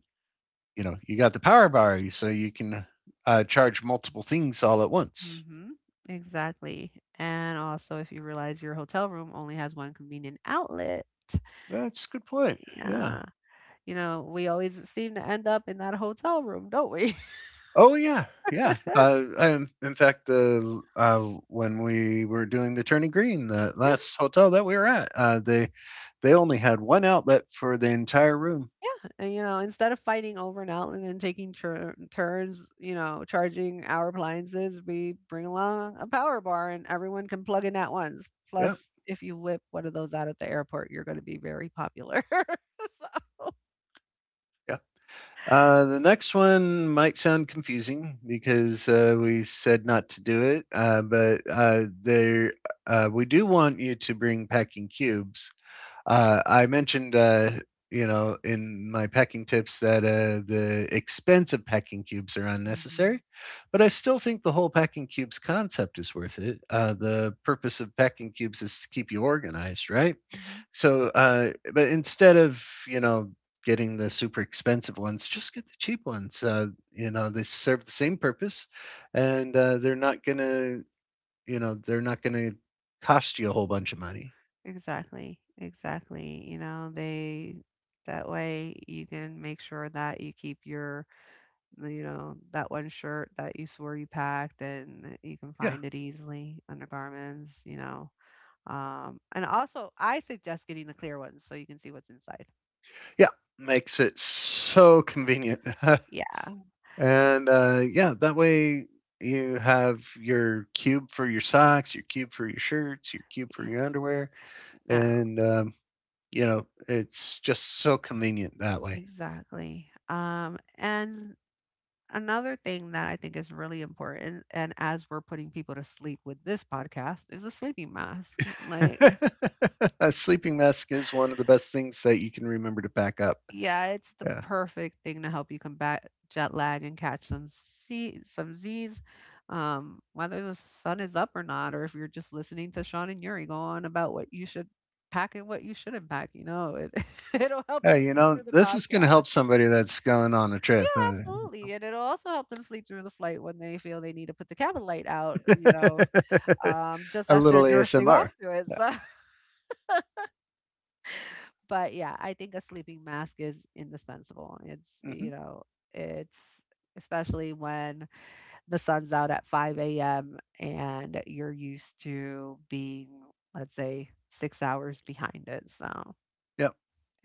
[SPEAKER 1] you know, you got the power bar, so you can charge multiple things all at once.
[SPEAKER 2] Mm-hmm. Exactly. And also, if you realize your hotel room only has one convenient outlet,
[SPEAKER 1] That's a good point. Yeah.
[SPEAKER 2] yeah, you know, we always seem to end up in that hotel room, don't we?
[SPEAKER 1] Oh yeah, yeah.
[SPEAKER 2] *laughs*
[SPEAKER 1] I, in fact, the when we were doing the Turning Green, the
[SPEAKER 2] Yeah.
[SPEAKER 1] last hotel that we were at, they only had one outlet for the entire room.
[SPEAKER 2] Yeah, and, you know, instead of fighting over an outlet and taking turns, you know, charging our appliances, we bring along a power bar and everyone can plug in at once.
[SPEAKER 1] Yeah,
[SPEAKER 2] Plus, if you whip one of those out at the airport, you're going to be very popular. *laughs* So,
[SPEAKER 1] yeah. The next one might sound confusing because we said not to do it, but there we do want you to bring packing cubes. I mentioned, you know, in my pecking tips that the expensive pecking cubes are
[SPEAKER 2] mhm,
[SPEAKER 1] unnecessary, but I still think the whole pecking cubes concept is worth it. The purpose of pecking cubes is to keep you organized, right?
[SPEAKER 2] mhm.
[SPEAKER 1] So, but instead of, you know, getting the super expensive ones, just get the cheap ones. You know, they serve the same purpose and they're not going to, you know, they're not going to cost you a whole bunch of money.
[SPEAKER 2] Exactly, exactly. You know, they that way you can make sure that you keep your, you know, that one shirt that you swore you packed and you can
[SPEAKER 1] Yeah.
[SPEAKER 2] find it easily, undergarments, you know. And also, I suggest getting the clear ones so you can see what's inside.
[SPEAKER 1] Yeah, makes it so convenient. *laughs*
[SPEAKER 2] Yeah.
[SPEAKER 1] And yeah, that way you have your cube for your socks, your cube for your shirts, your cube for
[SPEAKER 2] Yeah.
[SPEAKER 1] your underwear,
[SPEAKER 2] No,
[SPEAKER 1] and you know it's just so convenient that way.
[SPEAKER 2] exactly. And another thing that I think is really important, and as we're putting people to sleep with this podcast, is a sleeping mask. Like,
[SPEAKER 1] *laughs* A sleeping mask is one of the best things that you can remember to pack up.
[SPEAKER 2] yeah, it's the
[SPEAKER 1] Yeah.
[SPEAKER 2] perfect thing to help you combat jet lag and catch some C some Z's, whether the sun is up or not, or if you're just listening to Sean and Yuri go on about what you should pack and what you shouldn't pack, you know, it *laughs* it'll help you
[SPEAKER 1] Hey, you
[SPEAKER 2] sleep
[SPEAKER 1] know,
[SPEAKER 2] through the
[SPEAKER 1] this is going to
[SPEAKER 2] podcast.
[SPEAKER 1] help somebody that's going on a
[SPEAKER 2] Yeah,
[SPEAKER 1] trip, huh?
[SPEAKER 2] absolutely. And it'll also help them sleep through the flight when they feel they need to put the cabin light out, you know,
[SPEAKER 1] *laughs*
[SPEAKER 2] just
[SPEAKER 1] A
[SPEAKER 2] as they're
[SPEAKER 1] little
[SPEAKER 2] drifting off
[SPEAKER 1] ASMR.
[SPEAKER 2] to it.
[SPEAKER 1] Yeah.
[SPEAKER 2] So but yeah, I think a sleeping mask is indispensable. It's, you
[SPEAKER 1] Hmm.
[SPEAKER 2] know, it's especially when the sun's out at 5 a.m. and you're used to being, let's say, 6 hours behind it. So,
[SPEAKER 1] Yep.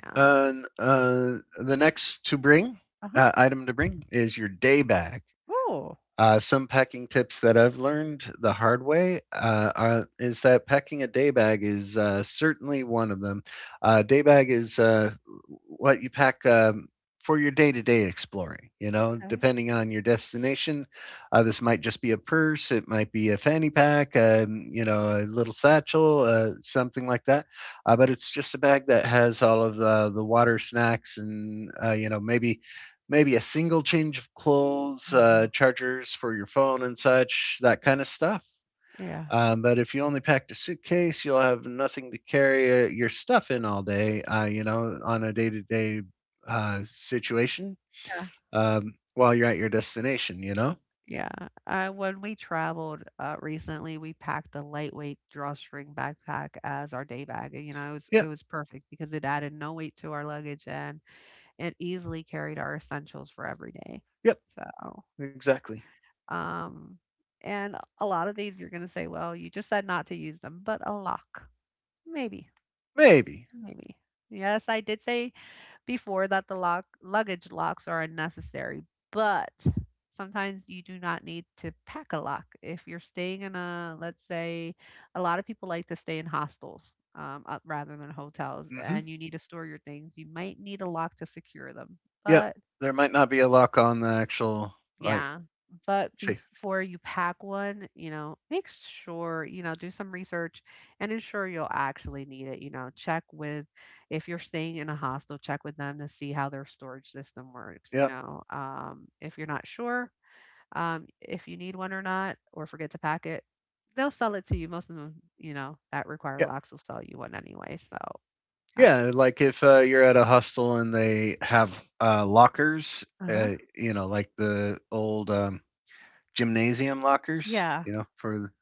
[SPEAKER 2] yeah.
[SPEAKER 1] And the next to bring
[SPEAKER 2] Uh-huh.
[SPEAKER 1] item to bring is your day bag.
[SPEAKER 2] Oh.
[SPEAKER 1] Some packing tips that I've learned the hard way is that packing a day bag is certainly one of them. Day bag is what you pack for your day to day exploring. You know,
[SPEAKER 2] Okay.
[SPEAKER 1] depending on your destination, this might just be a purse, it might be a fanny pack, you know, a little satchel, something like that. But it's just a bag that has all of the water, snacks, and you know, maybe a single change of clothes,
[SPEAKER 2] Mhm.
[SPEAKER 1] chargers for your phone and such, that kind of stuff.
[SPEAKER 2] Yeah.
[SPEAKER 1] But if you only packed a suitcase, you'll have nothing to carry your stuff in all day, you know, on a day to day situation
[SPEAKER 2] Yeah.
[SPEAKER 1] while you're at your destination, you know?
[SPEAKER 2] Yeah. When we traveled recently, we packed a lightweight drawstring backpack as our day bag. And, you know, it
[SPEAKER 1] Yep,
[SPEAKER 2] was perfect because it added no weight to our luggage and easily carried our essentials for every day.
[SPEAKER 1] yep,
[SPEAKER 2] So,
[SPEAKER 1] exactly.
[SPEAKER 2] um, and a lot of these you're going to say, well, you just said not to use them, but a lock. Maybe,
[SPEAKER 1] Maybe.
[SPEAKER 2] maybe. Yes, I did say before that the lock, luggage locks are unnecessary, but sometimes you do not need to pack a lock. If you're staying in a, let's say, a lot of people like to stay in hostels rather than hotels,
[SPEAKER 1] Hmm.
[SPEAKER 2] and you need to store your things, you might need a lock to secure them.
[SPEAKER 1] Yep,
[SPEAKER 2] But
[SPEAKER 1] there might not be a lock on the actual, like,
[SPEAKER 2] yeah. But
[SPEAKER 1] safe.
[SPEAKER 2] before you pack one, you know, make sure, you know, do some research and ensure you'll actually need it. You know, check with, if you're staying in a hostel, check with them to see how their storage system works. You
[SPEAKER 1] Yep.
[SPEAKER 2] know, if you're not sure if you need one or not, or forget to pack it, they'll sell it to you. Most of them, you know, that require locks will sell you one anyway. So that's,
[SPEAKER 1] Yeah, like if you're at a hostel and they have lockers,
[SPEAKER 2] uh huh.
[SPEAKER 1] you know, like the old gymnasium lockers,
[SPEAKER 2] Yeah.
[SPEAKER 1] you know, for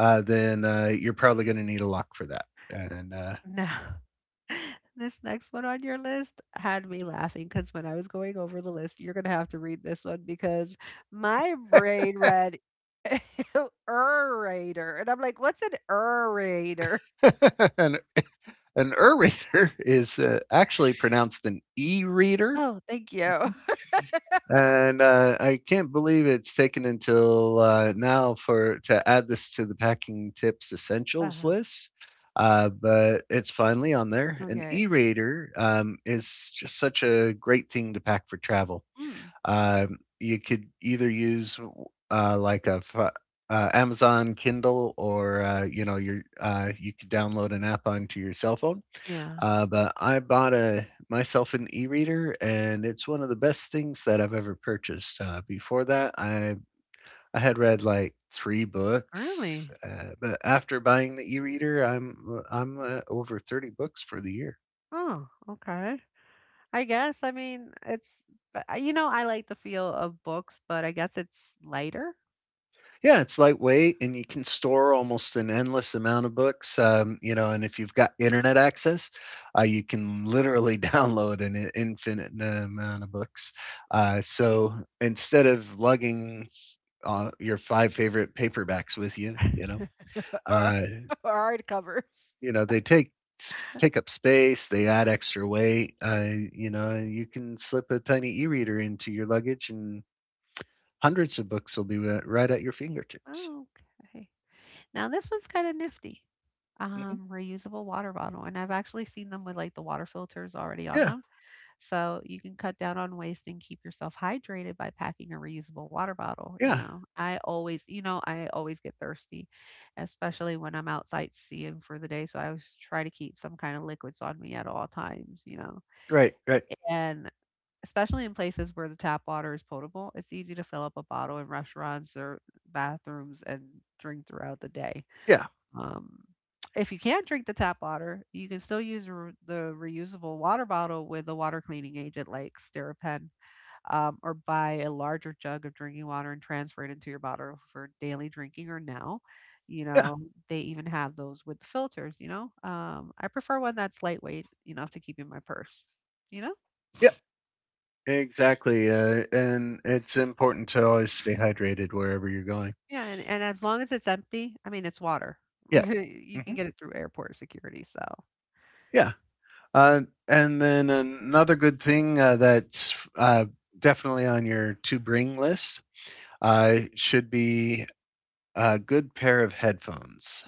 [SPEAKER 1] then you're probably going to need a lock for that. And
[SPEAKER 2] No. *laughs* This next one on your list had me laughing because when I was going over the list, you're going to have to read this one because my brain read *laughs* orator. And I'm like, what's an orator?
[SPEAKER 1] *laughs* an an e reader *laughs* is actually pronounced an e reader.
[SPEAKER 2] Oh, thank you.
[SPEAKER 1] And I can't believe it's taken until now for to add this to the packing tips essentials
[SPEAKER 2] uh
[SPEAKER 1] list. But it's finally on there. An
[SPEAKER 2] Okay.
[SPEAKER 1] e-reader is just such a great thing to pack for travel.
[SPEAKER 2] Hmm.
[SPEAKER 1] You could either use uh, like a fi- Amazon Kindle, or you know, your you could download an app onto your cell phone
[SPEAKER 2] Yeah.
[SPEAKER 1] but I bought a myself an e-reader, and it's one of the best things that I've ever purchased. Before that, I had read like three books,
[SPEAKER 2] Really?
[SPEAKER 1] but after buying the e-reader, I'm over 30 books for the year.
[SPEAKER 2] Oh, okay. I guess. I mean, but you know, I like the feel of books, but I guess it's lighter
[SPEAKER 1] Yeah, it's lightweight, and you can store almost an endless amount of books. You know, and if you've got internet access, you can literally *laughs* download an infinite amount of books. So instead of lugging your five favorite paperbacks with you.
[SPEAKER 2] *laughs* or
[SPEAKER 1] Uh,
[SPEAKER 2] hard covers.
[SPEAKER 1] you know they take up space. They add extra weight. You know, you can slip a tiny e-reader into your luggage, and hundreds of books will be right at your fingertips.
[SPEAKER 2] Oh, okay. Now this one's kind of nifty.
[SPEAKER 1] Hmm.
[SPEAKER 2] Reusable water bottle, and I've actually seen them with like the water filters already on
[SPEAKER 1] Yeah,
[SPEAKER 2] them. So you can cut down on waste and keep yourself hydrated by packing a reusable water bottle, you
[SPEAKER 1] yeah,
[SPEAKER 2] know. I always, you know, I always get thirsty, especially when I'm out sightseeing for the day, so I always try to keep some kind of liquids on me at all times, you know.
[SPEAKER 1] right, right,
[SPEAKER 2] And especially in places where the tap water is potable, it's easy to fill up a bottle in restaurants or bathrooms and drink throughout the day.
[SPEAKER 1] yeah,
[SPEAKER 2] Um, if you can't drink the tap water, you can still use the reusable water bottle with a water cleaning agent like Steripen, or buy a larger jug of drinking water and transfer it into your bottle for daily drinking. Or now, you
[SPEAKER 1] yeah,
[SPEAKER 2] know, they even have those with the filters. You know, I prefer one that's lightweight enough to keep in my purse. You know,
[SPEAKER 1] yeah, exactly. And it's important to always stay hydrated wherever you're going.
[SPEAKER 2] yeah, and as long as it's empty, I mean, it's water. *laughs*
[SPEAKER 1] Yeah,
[SPEAKER 2] You can
[SPEAKER 1] hmm,
[SPEAKER 2] get it through airport security. So,
[SPEAKER 1] yeah. And then another good thing that's definitely on your to bring list should be a good pair of headphones.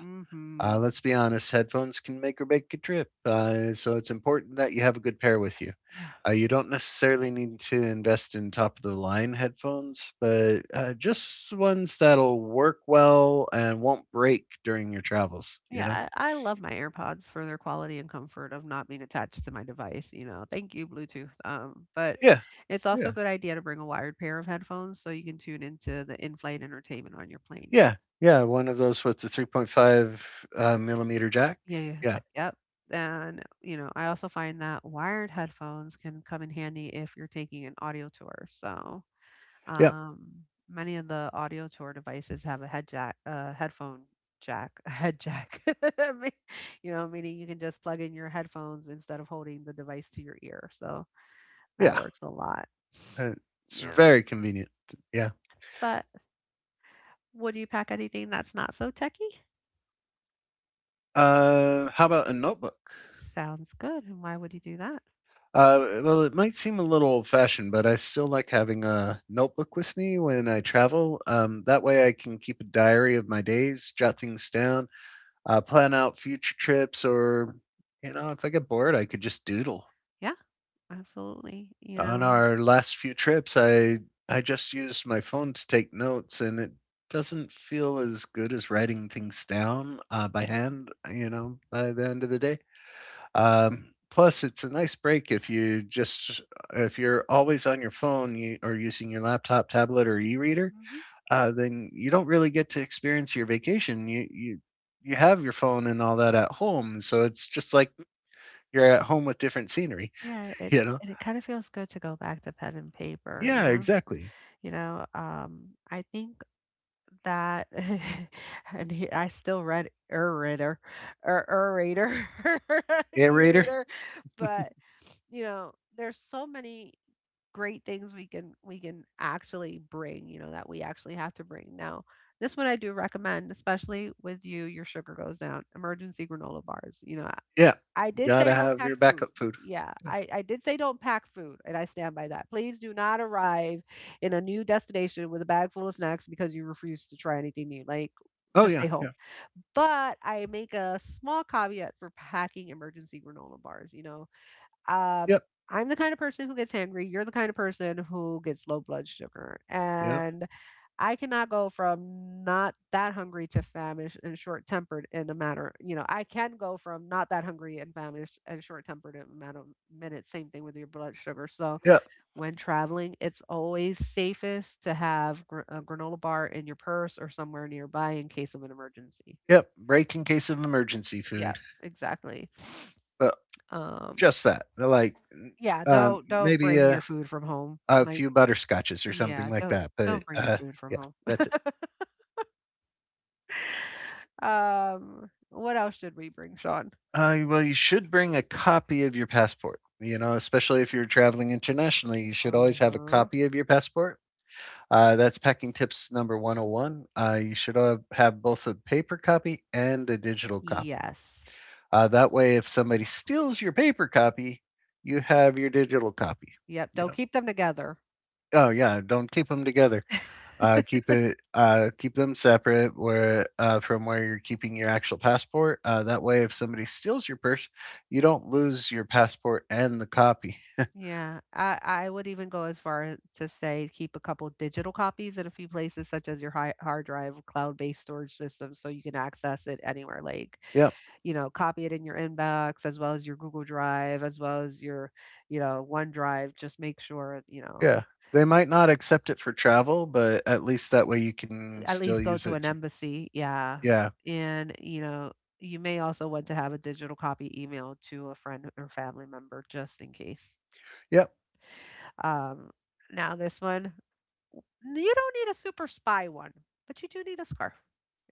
[SPEAKER 2] mm-hmm.
[SPEAKER 1] Let's be honest, headphones can make or break a trip. So it's important that you have a good pair with you.
[SPEAKER 2] Yeah.
[SPEAKER 1] You don't necessarily need to invest in top of the line headphones, but just ones that'll work well and won't break during your travels, you know?
[SPEAKER 2] Yeah, I love my AirPods for their quality and comfort of not being attached to my device. You know, thank you, Bluetooth. But
[SPEAKER 1] Yeah.
[SPEAKER 2] yeah. It's also
[SPEAKER 1] Yeah.
[SPEAKER 2] a good idea to bring a wired pair of headphones so you can tune into the in-flight entertainment on your plane.
[SPEAKER 1] Yeah, yeah, one of those with the 3.5, millimeter jack.
[SPEAKER 2] Yeah. Yeah, yeah,
[SPEAKER 1] Yeah,
[SPEAKER 2] yep. And you know, I also find that wired headphones can come in handy if you're taking an audio tour. So
[SPEAKER 1] yeah,
[SPEAKER 2] um, many of the audio tour devices have a head jack, a headphone jack, *laughs* a head jack. *laughs* I mean, you know, meaning you can just plug in your headphones instead of holding the device to your ear. So that
[SPEAKER 1] yeah,
[SPEAKER 2] works a lot.
[SPEAKER 1] uh, it's
[SPEAKER 2] Yeah.
[SPEAKER 1] very convenient, yeah.
[SPEAKER 2] But would you pack anything that's not so techy?
[SPEAKER 1] How about a notebook?
[SPEAKER 2] Sounds good. And why would you do that?
[SPEAKER 1] Well, it might seem a little old-fashioned, but I still like having a notebook with me when I travel, that way I can keep a diary of my days, jot things down, plan out future trips, or, you know, if I get bored, I could just doodle.
[SPEAKER 2] Yeah, absolutely. You
[SPEAKER 1] On
[SPEAKER 2] know,
[SPEAKER 1] our last few trips, I just used my phone to take notes, and it doesn't feel as good as writing things down by
[SPEAKER 2] mhm.
[SPEAKER 1] hand. You know, by the end of the day. Plus, it's a nice break if you just if you're always on your phone you, or using your laptop, tablet, or e-reader,
[SPEAKER 2] Mhm.
[SPEAKER 1] then you don't really get to experience your vacation. You have your phone and all that at home, so it's just like you're at home with different scenery. *laughs*
[SPEAKER 2] Yeah, yeah, it
[SPEAKER 1] You know.
[SPEAKER 2] and it kind of feels good to go back to pen and paper. You
[SPEAKER 1] Yeah,
[SPEAKER 2] know,
[SPEAKER 1] exactly.
[SPEAKER 2] you know. I think that *laughs* and he, I still read Erator or Erator *laughs*
[SPEAKER 1] Aerator.
[SPEAKER 2] e-reader but you know there's so many great things we can actually bring you know that we actually have to bring now this one I do recommend especially with you your sugar goes down emergency granola bars you know
[SPEAKER 1] Yeah.
[SPEAKER 2] I did say
[SPEAKER 1] Gotta
[SPEAKER 2] don't
[SPEAKER 1] have
[SPEAKER 2] pack
[SPEAKER 1] your
[SPEAKER 2] food.
[SPEAKER 1] backup food.
[SPEAKER 2] Yeah,
[SPEAKER 1] Yeah.
[SPEAKER 2] I did say don't pack food, and I stand by that. Please do not arrive in a new destination with a bag full of snacks because you refuse to try anything new. Like,
[SPEAKER 1] Oh
[SPEAKER 2] just
[SPEAKER 1] yeah,
[SPEAKER 2] stay
[SPEAKER 1] yeah.
[SPEAKER 2] home. But I make a small caveat for packing emergency granola bars. You know, um,
[SPEAKER 1] Yep.
[SPEAKER 2] I'm the kind of person who gets hangry. You're the kind of person who gets low blood sugar.
[SPEAKER 1] Yep.
[SPEAKER 2] And I cannot go from not that hungry to famished and short tempered in a matter, you know, I can go from not that hungry and famished and short tempered in a matter of minutes. Same thing with your blood sugar. So
[SPEAKER 1] Yep.
[SPEAKER 2] when traveling, it's always safest to have a granola bar in your purse or somewhere nearby in case of an emergency.
[SPEAKER 1] Yep. Break in case of emergency
[SPEAKER 2] Yeah,
[SPEAKER 1] food.
[SPEAKER 2] exactly.
[SPEAKER 1] But
[SPEAKER 2] Um,
[SPEAKER 1] just that. Like
[SPEAKER 2] yeah,
[SPEAKER 1] um
[SPEAKER 2] don't
[SPEAKER 1] maybe
[SPEAKER 2] bring your
[SPEAKER 1] a,
[SPEAKER 2] food from home.
[SPEAKER 1] a
[SPEAKER 2] Like
[SPEAKER 1] few butterscotches or something
[SPEAKER 2] yeah,
[SPEAKER 1] like that.
[SPEAKER 2] don't
[SPEAKER 1] But
[SPEAKER 2] bring your food from
[SPEAKER 1] yeah,
[SPEAKER 2] home.
[SPEAKER 1] that's it.
[SPEAKER 2] *laughs* What else should we bring, Sean?
[SPEAKER 1] Well you should bring a copy of your passport. You know, especially if you're traveling internationally, you should always have a
[SPEAKER 2] Mhm.
[SPEAKER 1] copy of your passport. That's packing tips number 101. You should have both a paper copy and a digital copy.
[SPEAKER 2] Yes.
[SPEAKER 1] That way, if somebody steals your paper copy, you have your digital copy.
[SPEAKER 2] Yep,
[SPEAKER 1] You
[SPEAKER 2] don't
[SPEAKER 1] know.
[SPEAKER 2] keep them together.
[SPEAKER 1] Oh yeah, don't keep them together.
[SPEAKER 2] *laughs*
[SPEAKER 1] Keep it. Keep them separate where from where you're keeping your actual passport. That way, if somebody steals your purse, you don't lose your passport and the copy.
[SPEAKER 2] Yeah, I would even go as far as to say keep a couple digital copies in a few places, such as your hi hard drive, cloud-based storage system, so you can access it anywhere. Like,
[SPEAKER 1] Yep.
[SPEAKER 2] you know, copy it in your inbox as well as your Google Drive, as well as your, you know, OneDrive. Just make sure, you know,
[SPEAKER 1] Yeah. They might not accept it for travel, but at least that way you can
[SPEAKER 2] at
[SPEAKER 1] still
[SPEAKER 2] least go
[SPEAKER 1] use
[SPEAKER 2] to
[SPEAKER 1] it
[SPEAKER 2] an
[SPEAKER 1] to.
[SPEAKER 2] embassy, yeah.
[SPEAKER 1] Yeah.
[SPEAKER 2] And, you know, you may also want to have a digital copy email to a friend or family member just in case.
[SPEAKER 1] Yep.
[SPEAKER 2] Um, now, this one, you don't need a super spy one, but you do need a scarf.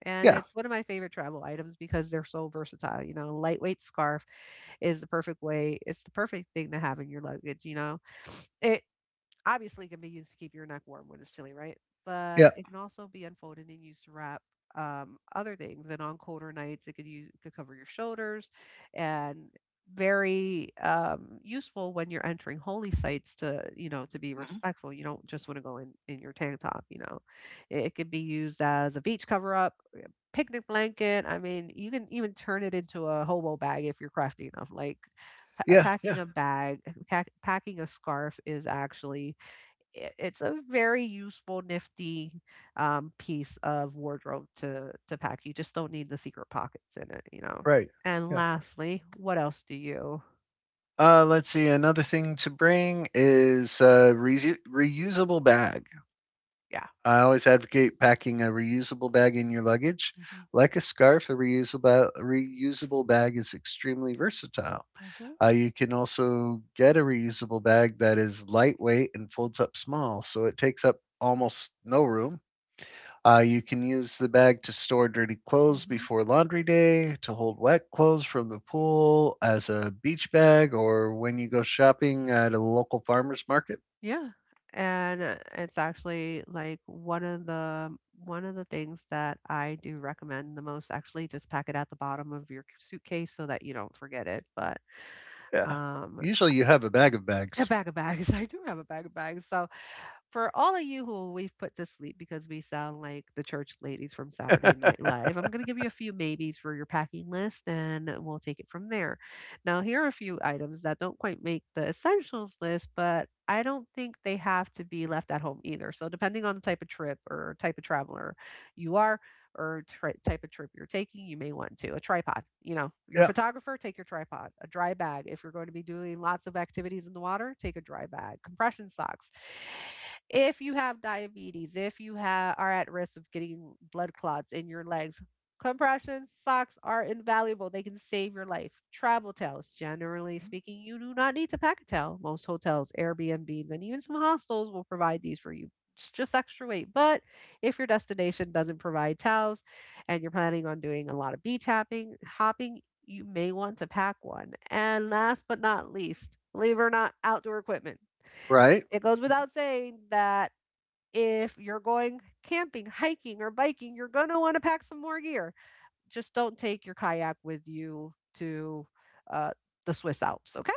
[SPEAKER 2] And
[SPEAKER 1] Yeah.
[SPEAKER 2] it's one of my favorite travel items because they're so versatile. You know, a lightweight scarf is the perfect thing to have in your luggage. You know, it Obviously, it can be used to keep your neck warm when it's chilly, right?
[SPEAKER 1] Yeah.
[SPEAKER 2] But it can also be unfolded and used to wrap other things. And on colder nights, it could use it could cover your shoulders, and very useful when you're entering holy sites to to be
[SPEAKER 1] Hmm.
[SPEAKER 2] respectful. You don't just want to go in your tank top. It could be used as a beach cover up, picnic blanket. I mean, you can even turn it into a hobo bag if you're crafty enough. Like pa-
[SPEAKER 1] Yeah.
[SPEAKER 2] packing
[SPEAKER 1] Yeah.
[SPEAKER 2] a bag, eh, pack, packing a scarf is actually. It's a very useful, nifty piece of wardrobe to pack. You just don't need the secret pockets in it.
[SPEAKER 1] Right.
[SPEAKER 2] And
[SPEAKER 1] Yeah.
[SPEAKER 2] lastly, what else do you?
[SPEAKER 1] Let's see. Another thing to bring is a reusable bag.
[SPEAKER 2] Yeah.
[SPEAKER 1] I always advocate packing a reusable bag in your luggage.
[SPEAKER 2] hmm
[SPEAKER 1] Like a scarf, a reusable bag is extremely versatile.
[SPEAKER 2] hmm
[SPEAKER 1] You can also get a reusable bag that is lightweight and folds up small, so it takes up almost no room. You can use the bag to store dirty clothes
[SPEAKER 2] hmm
[SPEAKER 1] before laundry day, to hold wet clothes from the pool as a beach bag, or when you go shopping at a local farmer's market.
[SPEAKER 2] yeah. And it's actually like one of the things that I do recommend the most. Actually, just pack it at the bottom of your suitcase so that you don't forget it. But
[SPEAKER 1] Yeah.
[SPEAKER 2] um,
[SPEAKER 1] Usually you have a bag of
[SPEAKER 2] A
[SPEAKER 1] bags.
[SPEAKER 2] bag of bags. *laughs* I do have a bag of bags. So, for all of you who we've put to sleep because we sound like the church ladies from Saturday
[SPEAKER 1] *laughs*
[SPEAKER 2] Night Live, I'm going to give you a few maybes for your packing list and we'll take it from there. Now, here are a few items that don't quite make the essentials list, but I don't think they have to be left at home either. So, depending on the type of trip or type of traveler you are, or type of trip you're taking, you may want to. A tripod, you know, you're a
[SPEAKER 1] Yeah.
[SPEAKER 2] photographer, take your tripod. A dry bag, if you're going to be doing lots of activities in the water, take a dry bag. Compression socks. If you have diabetes, if you are at risk of getting blood clots in your legs, compression socks are invaluable. They can save your life. Travel towels, generally speaking, you do not need to pack a towel. Most hotels, Airbnbs, and even some hostels will provide these for you. It's just extra weight, but if your destination doesn't provide towels and you're planning on doing a lot of beach hopping, you may want to pack one. And last but not least, believe it or not, outdoor equipment.
[SPEAKER 1] Right.
[SPEAKER 2] It goes without saying that if you're going camping, hiking, or biking, you're going to want to pack some more gear. Just don't take your kayak with you to uh, the Swiss Alps, okay?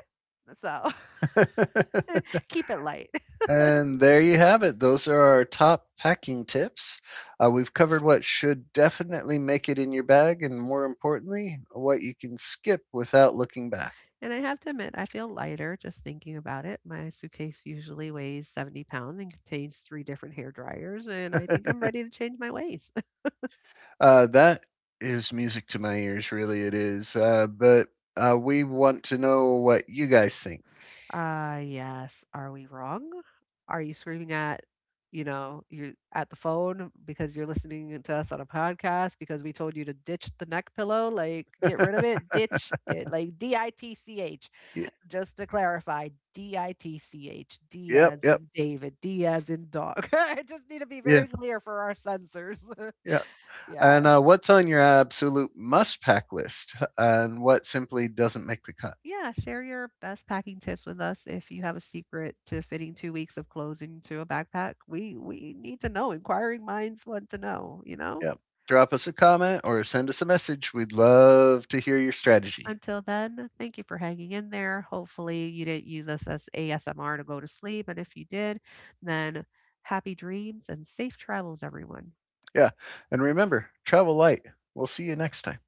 [SPEAKER 2] So
[SPEAKER 1] *laughs*
[SPEAKER 2] *laughs* keep it light.
[SPEAKER 1] And there you have it. Those are our top packing tips. We've covered what should definitely make it in your bag, and more importantly, what you can skip without looking back.
[SPEAKER 2] And I have to admit, I feel lighter just thinking about it. My suitcase usually weighs 70 pounds and contains three different hair dryers, and I
[SPEAKER 1] *laughs*
[SPEAKER 2] think I'm ready to change my ways.
[SPEAKER 1] That is music to my ears, really it is. But we want to know what you guys think.
[SPEAKER 2] Yes. Are we wrong? Are you screaming at, you know, you're at the phone because you're listening to us on a podcast because we told you to ditch the neck pillow? Like, get rid of
[SPEAKER 1] *laughs*
[SPEAKER 2] it, ditch it, like DITCH.
[SPEAKER 1] Y-
[SPEAKER 2] Just to clarify, DITCH, D
[SPEAKER 1] yep,
[SPEAKER 2] as
[SPEAKER 1] yep,
[SPEAKER 2] in David, D as in dog. *laughs* I just need to be
[SPEAKER 1] yeah,
[SPEAKER 2] very clear for our censors.
[SPEAKER 1] yeah.
[SPEAKER 2] *laughs* Yeah.
[SPEAKER 1] And What's on your absolute must pack list and what simply doesn't make the cut?
[SPEAKER 2] Yeah, share your best packing tips with us if you have a secret to fitting 2 weeks of clothes into a backpack. We need to know. Inquiring minds want to know, you know?
[SPEAKER 1] Yep. Drop us a comment or send us a message. We'd love to hear your strategy.
[SPEAKER 2] Until then, thank you for hanging in there. Hopefully you didn't use us as ASMR to go to sleep. And if you did, then happy dreams and safe travels, everyone.
[SPEAKER 1] Yeah. And remember, travel light. We'll see you next time.